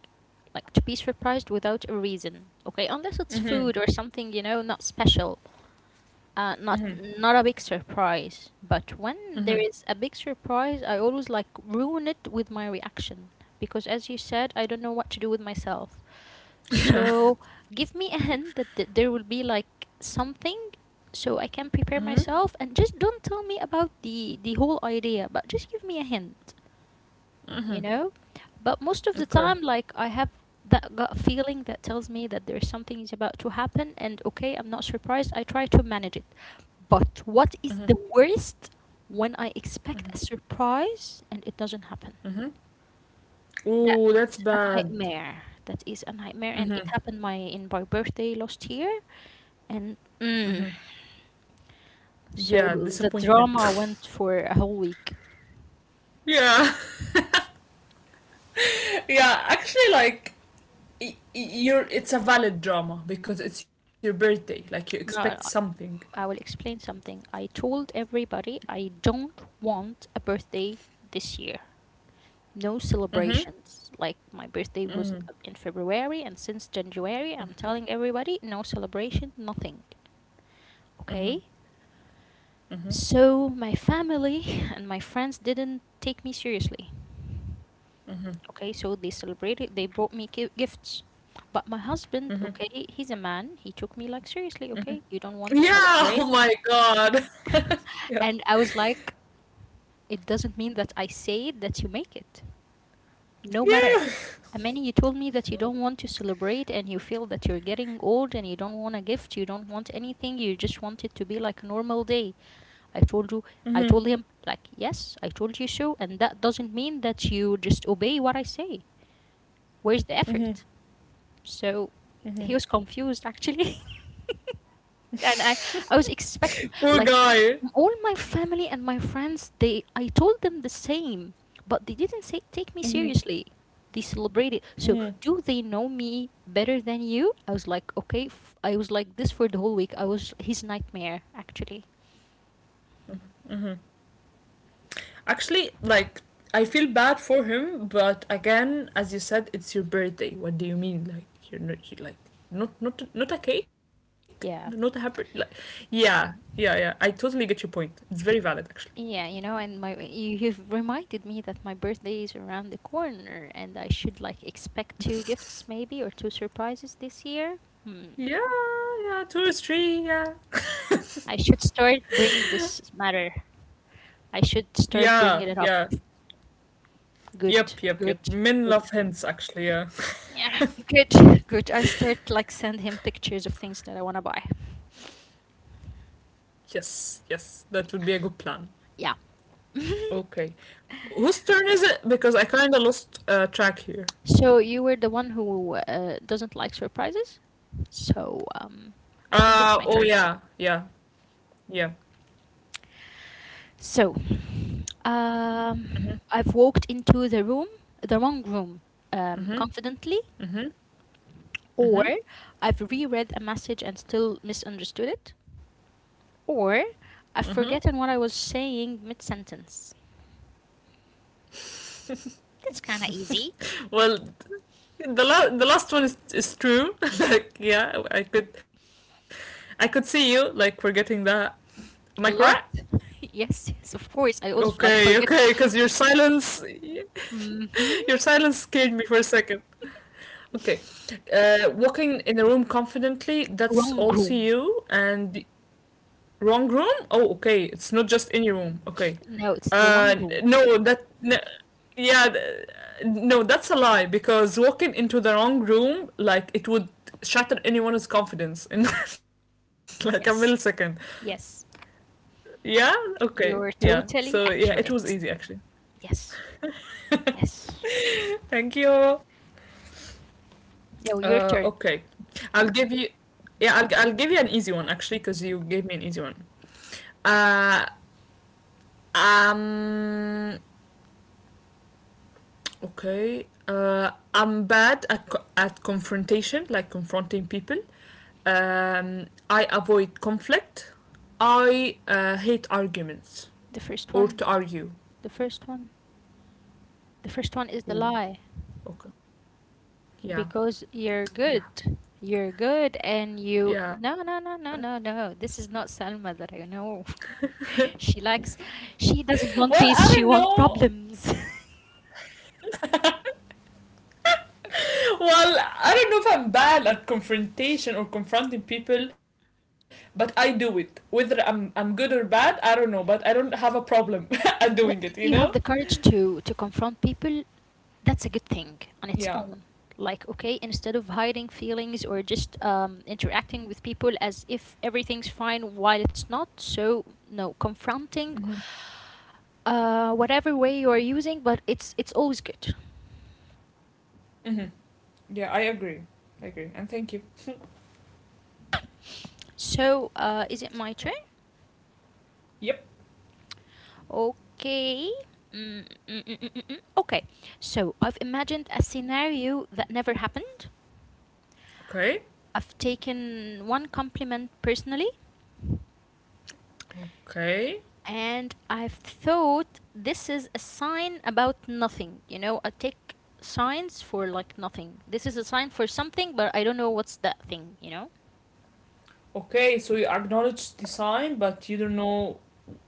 B: like to be surprised without a reason. Okay, unless it's food or
A: Mhm.
B: something, you know, not special. Not
A: Mhm.
B: not a big surprise, but when there
A: Mhm.
B: is a big surprise, I always like ruin it with my reaction because, as you said, I don't know what to do with myself.
A: Yeah.
B: So give me a hint that there will be like something, so I can prepare
A: Mhm.
B: myself, and just don't tell me about the whole idea, but just give me a hint, you
A: Mhm.
B: know? But most of the
A: Okay.
B: time, like, I have that gut feeling that tells me that there's something is about to happen, and okay, I'm not surprised. I try to manage it. But what is
A: Mhm.
B: the worst when I expect
A: Mhm.
B: a surprise and it doesn't happen?
A: Mhm.
B: That
A: Ooh, that's
B: is a
A: bad.
B: nightmare. That is a nightmare, and it
A: Mm-hmm.
B: happened my in my birthday last year, and
A: Mm-hmm.
B: mm,
A: Yeah,
B: so the
A: disappointment.
B: drama went for a whole week.
A: yeah. yeah, actually like you're, it's a valid drama because it's your birthday. Like you expect
B: No,
A: something.
B: I will explain something. I told everybody I don't want a birthday this year. No
A: Mhm.
B: celebrations. Like my birthday was
A: Mhm.
B: in February, and since January, I'm telling everybody no celebration, nothing.
A: Mhm.
B: Okay?
A: Mhm.
B: So my family and my friends didn't take me seriously.
A: Mhm.
B: Okay? So they celebrated, they brought me gifts. But my husband, okay, he's a man. He took me like seriously, okay? You don't want to
A: Yeah.
B: celebrate?
A: Oh my god. yeah.
B: And I was like, it doesn't mean that I say it that you make it. No matter.
A: Yeah.
B: Amani, you told me that you don't want to celebrate and you feel that you're getting old and you don't want a gift, you don't want anything, you just want it to be like a normal day. I told you, I
A: Mhm.
B: told him, like, yes, I told you so, and that doesn't mean that you just obey what I say. Where's the
A: Mhm.
B: effort? So he was confused actually. And I was expecting
A: Poor
B: like
A: guy.
B: all my family and my friends, they I told them the same, but they didn't say take me seriously, they celebrated, so
A: Mhm.
B: do they know me better than you? I was like okay, I was like this for the whole week, I was his nightmare actually.
A: Mhm. Mhm. Actually, like I feel bad for him, but again, as you said, it's your birthday. What do you mean? Like you're not you, like not, not, not a cake, not a
B: Yeah,
A: happy. Like yeah, yeah, yeah. I totally get your point. It's very valid actually.
B: yeah, you know, and my you, you've reminded me that my birthday is around the corner and I should like expect two gifts maybe or two surprises this year. Hmm,
A: Yeah, yeah. Two is three. Yeah,
B: I should start bring this matter I should start
A: yeah,
B: bringing it up.
A: yeah.
B: Good,
A: Yep, yep, yep.
B: good,
A: Men
B: good.
A: love hints actually. Yeah.
B: Yeah, good, good. I'll start like send him pictures of things that I want to buy.
A: Yes, yes. That would be a good plan.
B: Yeah.
A: Okay. Whose turn is it? Because I kind of lost track here.
B: So you were the one who doesn't like surprises. So I think it's my
A: Uh, oh
B: turn.
A: yeah, yeah, yeah.
B: So I've walked into the room, the wrong room,
A: Mm-hmm.
B: confidently,
A: Mm-hmm.
B: or
A: Mm-hmm.
B: I've reread a message and still misunderstood it, or
A: Mm-hmm.
B: I've forgotten what I was saying mid sentence. That's kind of easy.
A: well, the last one is true. like, yeah, I could see you like forgetting that. Am I correct?
B: A lot. Yes, yes, of course. I also
A: Okay,
B: like
A: okay,
B: forget.
A: because your silence
B: Mm-hmm.
A: your silence scared me for a second. Okay, walking in a room confidently, that's
B: Wrong
A: also
B: room.
A: you. And wrong room? Oh, okay. It's not just any room. Okay.
B: No, it's the wrong
A: Uh,
B: room.
A: no, that. N yeah, th- no, that's a lie because walking into the wrong room, like, it would shatter anyone's confidence in like a millisecond.
B: Yes, yes.
A: Yeah? Okay. Yeah.
B: You're
A: So,
B: totally
A: yeah, it was easy
B: accurate.
A: actually.
B: Yes, yes.
A: Thank you.
B: Now your turn.
A: Okay. I'll give you. Yeah, I'll give you an easy one actually because you gave me an easy one. Uh, um, Okay. I'm bad at, at confrontation, like confronting people. I avoid conflict. I hate arguments
B: The first
A: or
B: one.
A: to argue.
B: The first one. The first one is the
A: Ooh,
B: lie
A: okay. Yeah,
B: because you're
A: yeah,
B: good. You're good, and you.
A: yeah.
B: No, no, no, no, no, no. This is not Salma that I know. She likes. She
A: Well, I
B: doesn't
A: don't
B: want peace. She
A: know.
B: wants problems.
A: Well, I don't know if I'm bad at confrontation or confronting people, but I do it. Whether I'm good or bad, I don't know, but I don't have a problem at doing it, you know?
B: Well, you have the courage to confront people. That's a good thing
A: Yeah.
B: on its own. Like, okay, instead of hiding feelings or just interacting with people as if everything's fine while it's not. So no,
A: Mm-hmm.
B: confronting, whatever way you are using, but it's always good.
A: Mm-hmm. Yeah, I agree. I agree. And thank you.
B: So, is it my turn?
A: Yep.
B: Okay. Mm, mm, mm, mm, mm, mm. Okay, so I've imagined a scenario that never happened.
A: Okay.
B: I've taken one compliment personally.
A: Okay.
B: And I've thought this is a sign about nothing. You know, I take signs for like nothing. This is a sign for something, but I don't know what's that thing, you know?
A: Okay, so you acknowledge the sign, but you don't know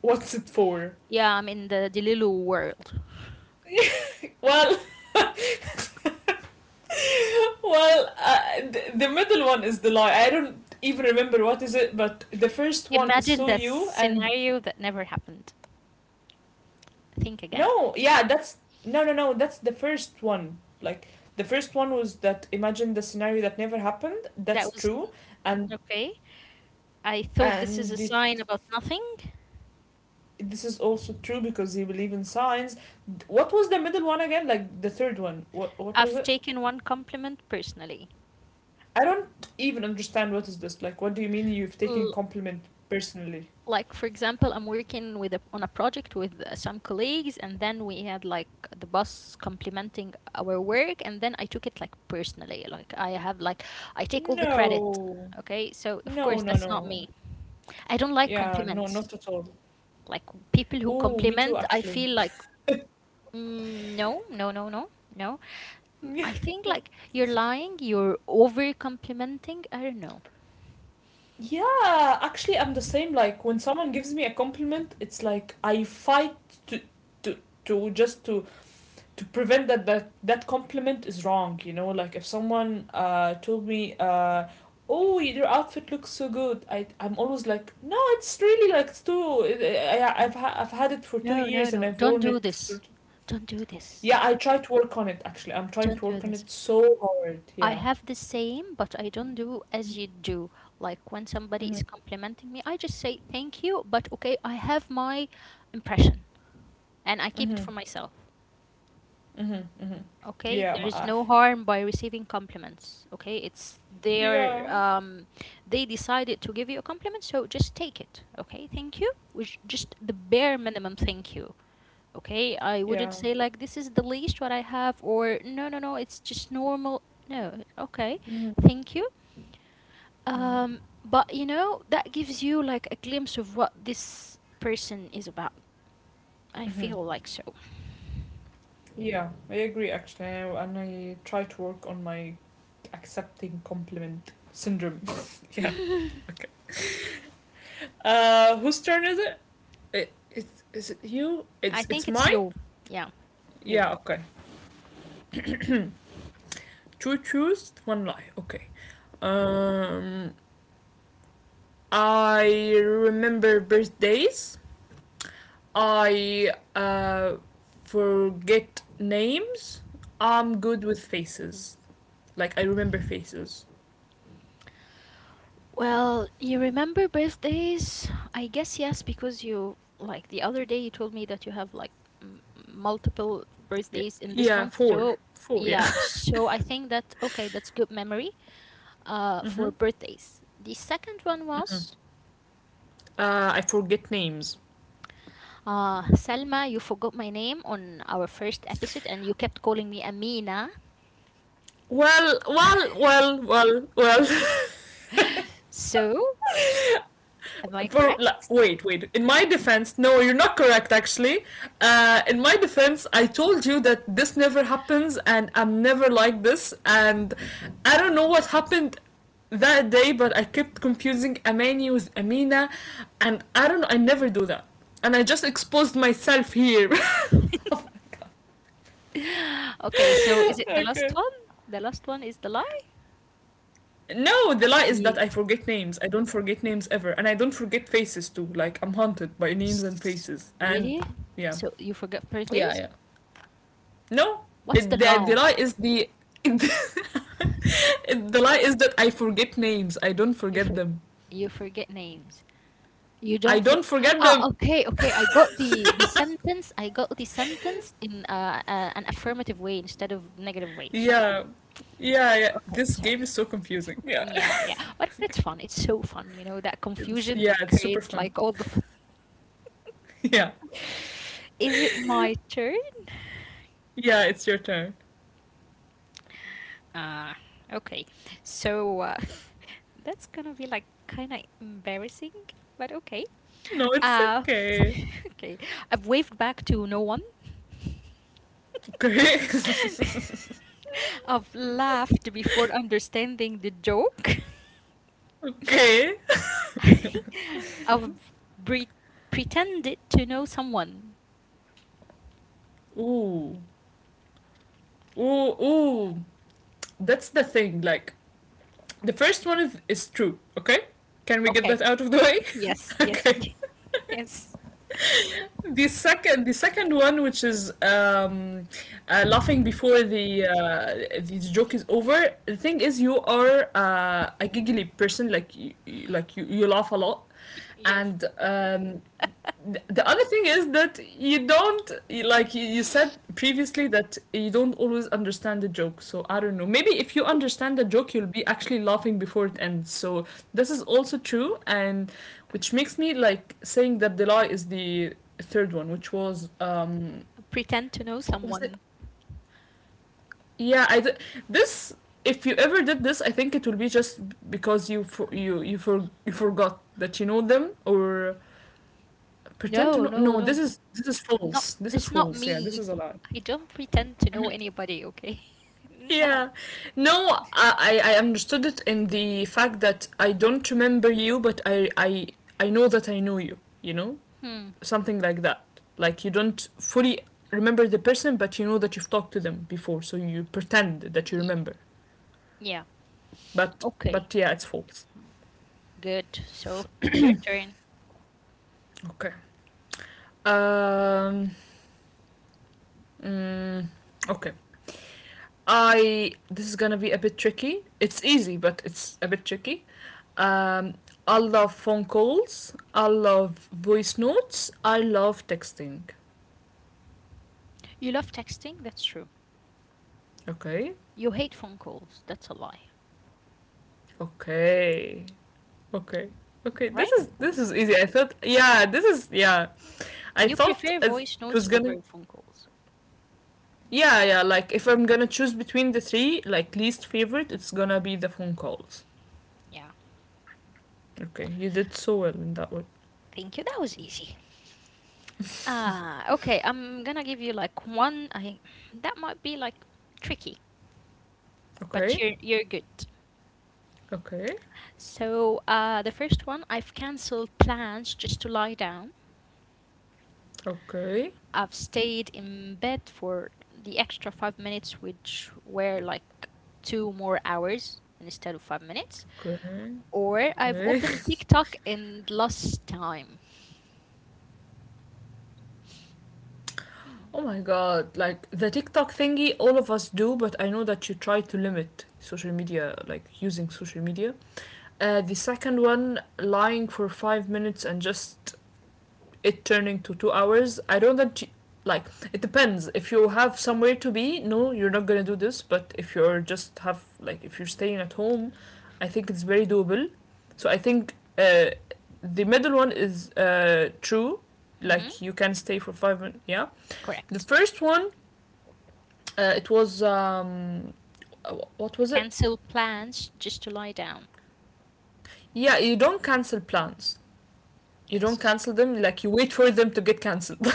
A: what's it for.
B: Yeah, I'm in the Delilu world.
A: Well, well, the middle one is the lie. I don't even remember what is it, but the first one is
B: Imagine
A: so
B: the
A: you, and
B: scenario that never happened. Think again.
A: no, yeah, that's no, no, no. That's the first one. Like the first one was that imagine the scenario that never happened.
B: That
A: That's
B: was
A: true, and
B: okay. I thought this is
A: and
B: a
A: the
B: sign about nothing.
A: this is also true because he believed in signs. What was the middle one again? Like the third one. What was
B: I've
A: it?
B: taken one compliment personally.
A: I don't even understand what is this. Like what do you mean you've taken
B: L-
A: compliment personally?
B: like, for example, I'm working on a project with some colleagues, and then we had like the boss complimenting our work, and then I took it like personally, like I have like I take all the credit.
A: No.
B: Okay, so of
A: No,
B: course
A: no,
B: that's not
A: no.
B: me. I don't like
A: Yeah, no,
B: compliments.
A: not at all.
B: Like people who
A: Oh, me too
B: compliment, I
A: actually.
B: feel like no, no, no, no, no.
A: Yeah.
B: I think like you're lying, you're over complimenting, I don't know.
A: Yeah, actually I'm the same. Like when someone gives me a compliment, it's like I fight to to to just to prevent that that compliment is wrong, you know, like if someone told me, oh, your outfit looks so good, I'm always like, no, it's really, like it's too I've had it for two
B: No, no,
A: years and
B: no,
A: I've
B: don't
A: worn
B: do
A: it for,
B: this. Don't do this.
A: yeah, I try to work on it actually. I'm trying
B: Don't
A: to
B: do
A: work on
B: this.
A: it so hard.
B: I
A: Yeah.
B: have the same, but I don't do as you do. Like when somebody is complimenting me, I just say thank you, but okay, I have my impression and I keep it
A: Mm-hmm.
B: for myself.
A: Mm-hmm. Mm-hmm.
B: Okay,
A: Yeah.
B: there is no harm by receiving compliments. Okay, it's their
A: Yeah.
B: they decided to give you a compliment, so just take it. Okay, thank you. Which just the bare minimum thank you. Okay, I wouldn't
A: Yeah.
B: say like this is the least what I have or no, no, no, it's just normal. No, okay.
A: Mm-hmm.
B: Thank you.
A: Mm-hmm.
B: But that gives you like a glimpse of what this person is about. I
A: Mm-hmm.
B: feel like so.
A: Yeah, I agree actually. And I try to work on my accepting compliment syndrome. yeah. Okay. Whose turn is it? Is it you?
B: I think
A: It's
B: it's
A: mine.
B: you. Yeah, you.
A: Yeah. Okay. Two truths, one lie. Okay. Um, I remember birthdays. I forget names. I'm good with faces. Like I remember faces.
B: Well, you remember birthdays? I guess yes, because you, like, the other day you told me that you have, like, m- multiple
A: Yeah.
B: birthdays in this
A: Yeah.
B: month.
A: Four.
B: So,
A: Four. Yeah.
B: yeah, so I think that, okay, that's good memory
A: Mm-hmm.
B: for birthdays. The second one
A: Mm-hmm.
B: was
A: I forget names.
B: Salma, you forgot my name on our first episode and you kept calling me Amina.
A: Well, well, well, well, well.
B: So, am I correct?
A: Wait, wait. In my defense, no, you're not correct. Actually, in my defense, I told you that this never happens, and I'm never like this. And I don't know what happened that day, but I kept confusing Amani with Amina, and I don't know, I never do that, and I just exposed myself here.
B: Okay, so is it the last
A: okay.
B: one? The last one is the lie?
A: No, the lie is
B: Yeah.
A: that I forget names. I don't forget names ever, and I don't forget faces too. Like I'm haunted by names and
B: S-
A: faces, and
B: Really?
A: yeah.
B: So you forgot birthdays?
A: No,
B: What's the
A: it,
B: lie?
A: the lie is the it- the lie is that I forget names. I don't
B: You
A: forget
B: for
A: them.
B: you forget names. You
A: I
B: don't for
A: don't forget
B: Ah,
A: them.
B: okay, okay. I got the sentence. I got the sentence in an affirmative way instead of negative way. So,
A: Yeah, yeah, yeah.
B: okay,
A: This
B: so
A: game is so confusing. Yeah,
B: Yeah, yeah. But it's fun. It's so fun, you know, that
A: it's,
B: confusion
A: yeah, it's super
B: creates like
A: fun.
B: all the fun.
A: Yeah,
B: Is it my turn?
A: yeah. It's your turn.
B: Ah, okay. So that's gonna be like kind of embarrassing, but okay.
A: No, it's
B: Uh,
A: okay.
B: okay. I've waved back to no one.
A: Okay.
B: I've laughed before understanding the joke.
A: okay.
B: I've pre- pretended to know someone.
A: Ooh. Ooh, ooh. That's the thing. Like the first one is true. Okay, can we get
B: Okay.
A: that out of the way?
B: Yes, yes,
A: okay.
B: yes.
A: The second one, which is laughing before the joke is over. The thing is, you are a giggly person. Like you, you laugh a lot, and the other thing is that you don't, like you said previously that you don't always understand the joke, so I don't know, maybe if you understand the joke you'll be actually laughing before it ends. So this is also true, and which makes me like saying that the lie is the third one, which was
B: Pretend to know
A: what was it
B: someone.
A: yeah, this, if you ever did this, I think it will be just because you forgot that you know them, or pretend to
B: No,
A: know.
B: no,
A: No, this
B: no.
A: is, this is
B: Not
A: false. This is
B: that's not
A: false. Yeah, this
B: me.
A: is a lie.
B: I don't pretend to know anybody, okay? Not.
A: Yeah. No, I understood it in the fact that I don't remember you, but I know that I know you. You know,
B: Hmm.
A: something like that. Like you don't fully remember the person, but you know that you've talked to them before, so you pretend that you
B: Yeah.
A: remember.
B: Yeah.
A: But
B: Okay.
A: but yeah, it's false.
B: Good. So, your turn.
A: Okay. Um. mm, okay. I this is gonna be a bit tricky. It's easy, but it's a bit tricky. Um, I love phone calls. I love voice notes. I love texting.
B: You love texting? That's true.
A: Okay.
B: You hate phone calls. That's a lie,
A: Okay. Okay. Okay. This
B: right?
A: is this is easy. I thought yeah, this is yeah. I
B: You
A: thought
B: prefer
A: it
B: voice notes
A: was gonna
B: over phone calls.
A: yeah, yeah, like if I'm gonna choose between the three, like least favorite, it's gonna be the phone calls.
B: Yeah.
A: Okay, you did so well in that one.
B: Thank you. That was easy. Ah, okay. I'm gonna give you like one. I That might be like tricky, but
A: Okay,
B: you're good.
A: okay,
B: So, the first one, I've canceled plans just to lie down.
A: okay,
B: I've stayed in bed for the extra 5 minutes, which were like 2 more hours instead of 5 minutes.
A: okay,
B: Or I've
A: okay.
B: opened TikTok and lost time. Hmm.
A: Oh my god, like the TikTok thingy, all of us do, but I know that you try to limit social media, like using social media. The second one, lying for 5 minutes and just it turning to 2 hours. I don't that you, like it depends. If you have somewhere to be, no, you're not gonna do this. But if you're just have like if you're staying at home, I think it's very doable. So I think the middle one is true,
B: Mm-hmm.
A: like you can stay for 5 minutes. Yeah, the
B: Correct.
A: first one it was what was it?
B: Cancel plans just to lie down.
A: Yeah, you don't cancel plans. You don't
B: Yes.
A: cancel them. Like you wait for them to get cancelled.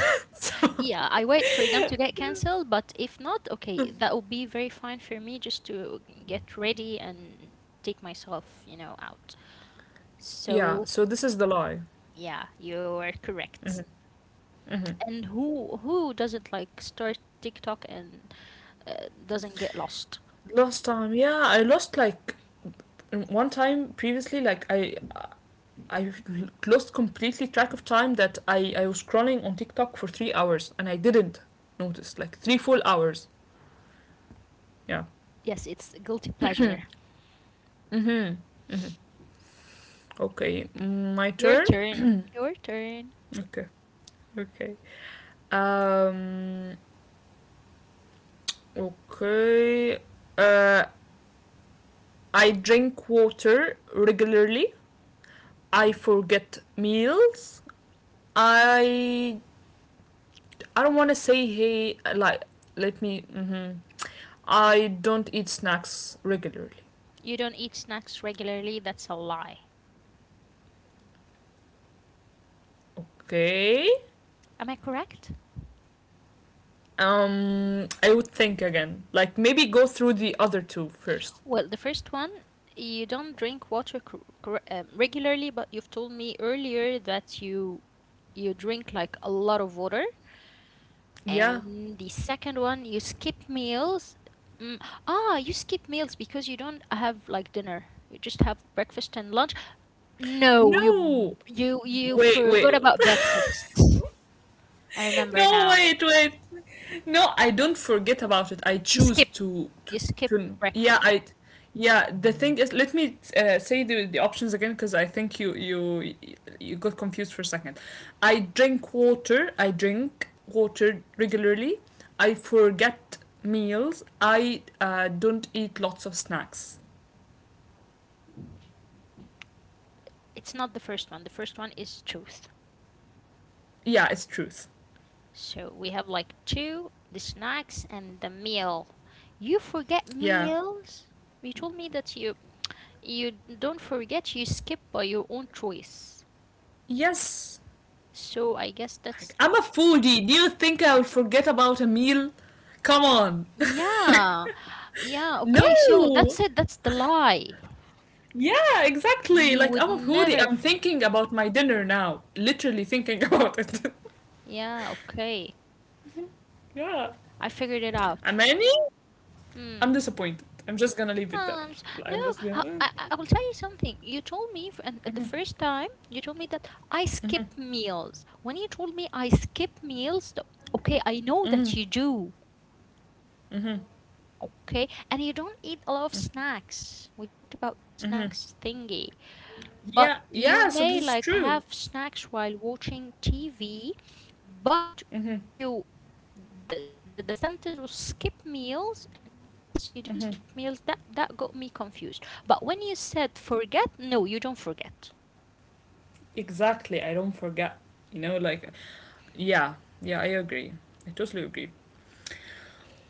B: Yeah, I wait for them to get canceled, but if not, okay, that would be very fine for me just to get ready and take myself, you know, out.
A: Yeah.
B: So,
A: So this is the lie.
B: yeah, you are correct.
A: Mm-hmm. Mm-hmm.
B: And who doesn't like start TikTok and doesn't get lost?
A: Last time, yeah, I lost like one time previously. Like I lost completely track of time that I was scrolling on TikTok for 3 hours and I didn't notice like three full hours. Yeah.
B: Yes, it's guilty pleasure.
A: Mm-hmm. Okay, my
B: Your
A: turn.
B: turn. Your turn.
A: Okay, okay. Um, okay. Uh, I drink water regularly. I forget meals. I I don't want to say hey like let me. Mhm. I don't eat snacks regularly.
B: You don't eat snacks regularly. That's a lie.
A: Okay.
B: Am I correct?
A: I would think again. Like maybe go through the other two first.
B: Well, the first one, you don't drink water regularly, but you've told me earlier that you drink like a lot of water.
A: Yeah.
B: And the second one, you skip meals. Mm, you skip meals because you don't have like dinner. You just have breakfast and lunch. No, you
A: No.
B: you you
A: Wait. Wait.
B: forgot about breakfast. I remember
A: No.
B: now.
A: Wait. Wait. No, I don't forget about it. I
B: You
A: choose
B: skip you skip
A: to yeah,
B: breakfast.
A: I yeah, the thing is let me say the options again because I think you got confused for a second. I drink water. I drink water regularly. I forget meals. I don't eat lots of snacks.
B: It's not the first one. The first one is truth.
A: Yeah, it's truth.
B: So we have like two, the snacks and the meal. You forget
A: Yeah.
B: meals? You told me that you don't forget, you skip by your own choice.
A: Yes.
B: So I guess
A: Like,
B: that's
A: I'm a foodie. Do you think I'll forget about a meal? Come on.
B: yeah. Yeah, okay. So that's
A: No.
B: it. That's the lie.
A: Yeah, exactly.
B: You
A: Like
B: would
A: I'm a foodie.
B: never
A: I'm
B: f-
A: thinking about my dinner now. Literally thinking about it.
B: Yeah, okay.
A: Yeah.
B: I figured it
A: And
B: out.
A: many?
B: Hmm.
A: I'm disappointed. I'm just gonna leave it there.
B: Um, s- no,
A: I'm just gonna.
B: I will tell you something. You told me and the first time you told me that I skip meals. When you told me I skip meals, okay, I know that
A: Mm-hmm.
B: you do.
A: Mm-hmm.
B: Okay, and you don't eat a lot of snacks. We talked about that
A: Mm-hmm.
B: snacks thingy. But
A: Yeah.
B: you
A: Yeah. So this
B: may
A: is
B: like
A: true.
B: have snacks while watching TV. But
A: Mm-hmm.
B: if you the sentence was skip meals and yes you do skip meals, that got me confused. But when you said forget, no, you don't forget.
A: Exactly. I don't forget. You know, like yeah. Yeah. I agree. I totally agree.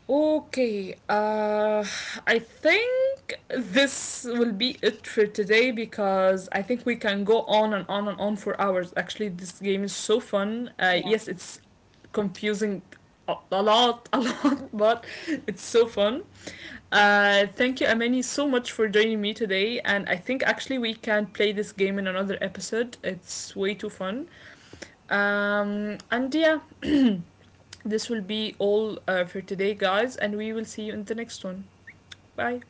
A: Okay, I think this will be it for today because I think we can go on and on and on for hours. Actually, this game is so fun.
B: Yeah.
A: Yes, it's confusing a lot, a lot, but it's so fun. Thank you, Amani, so much for joining me today. And I think actually we can play this game in another episode. It's way too fun. And yeah, this will be all for today, guys, and we will see you in the next one. Bye.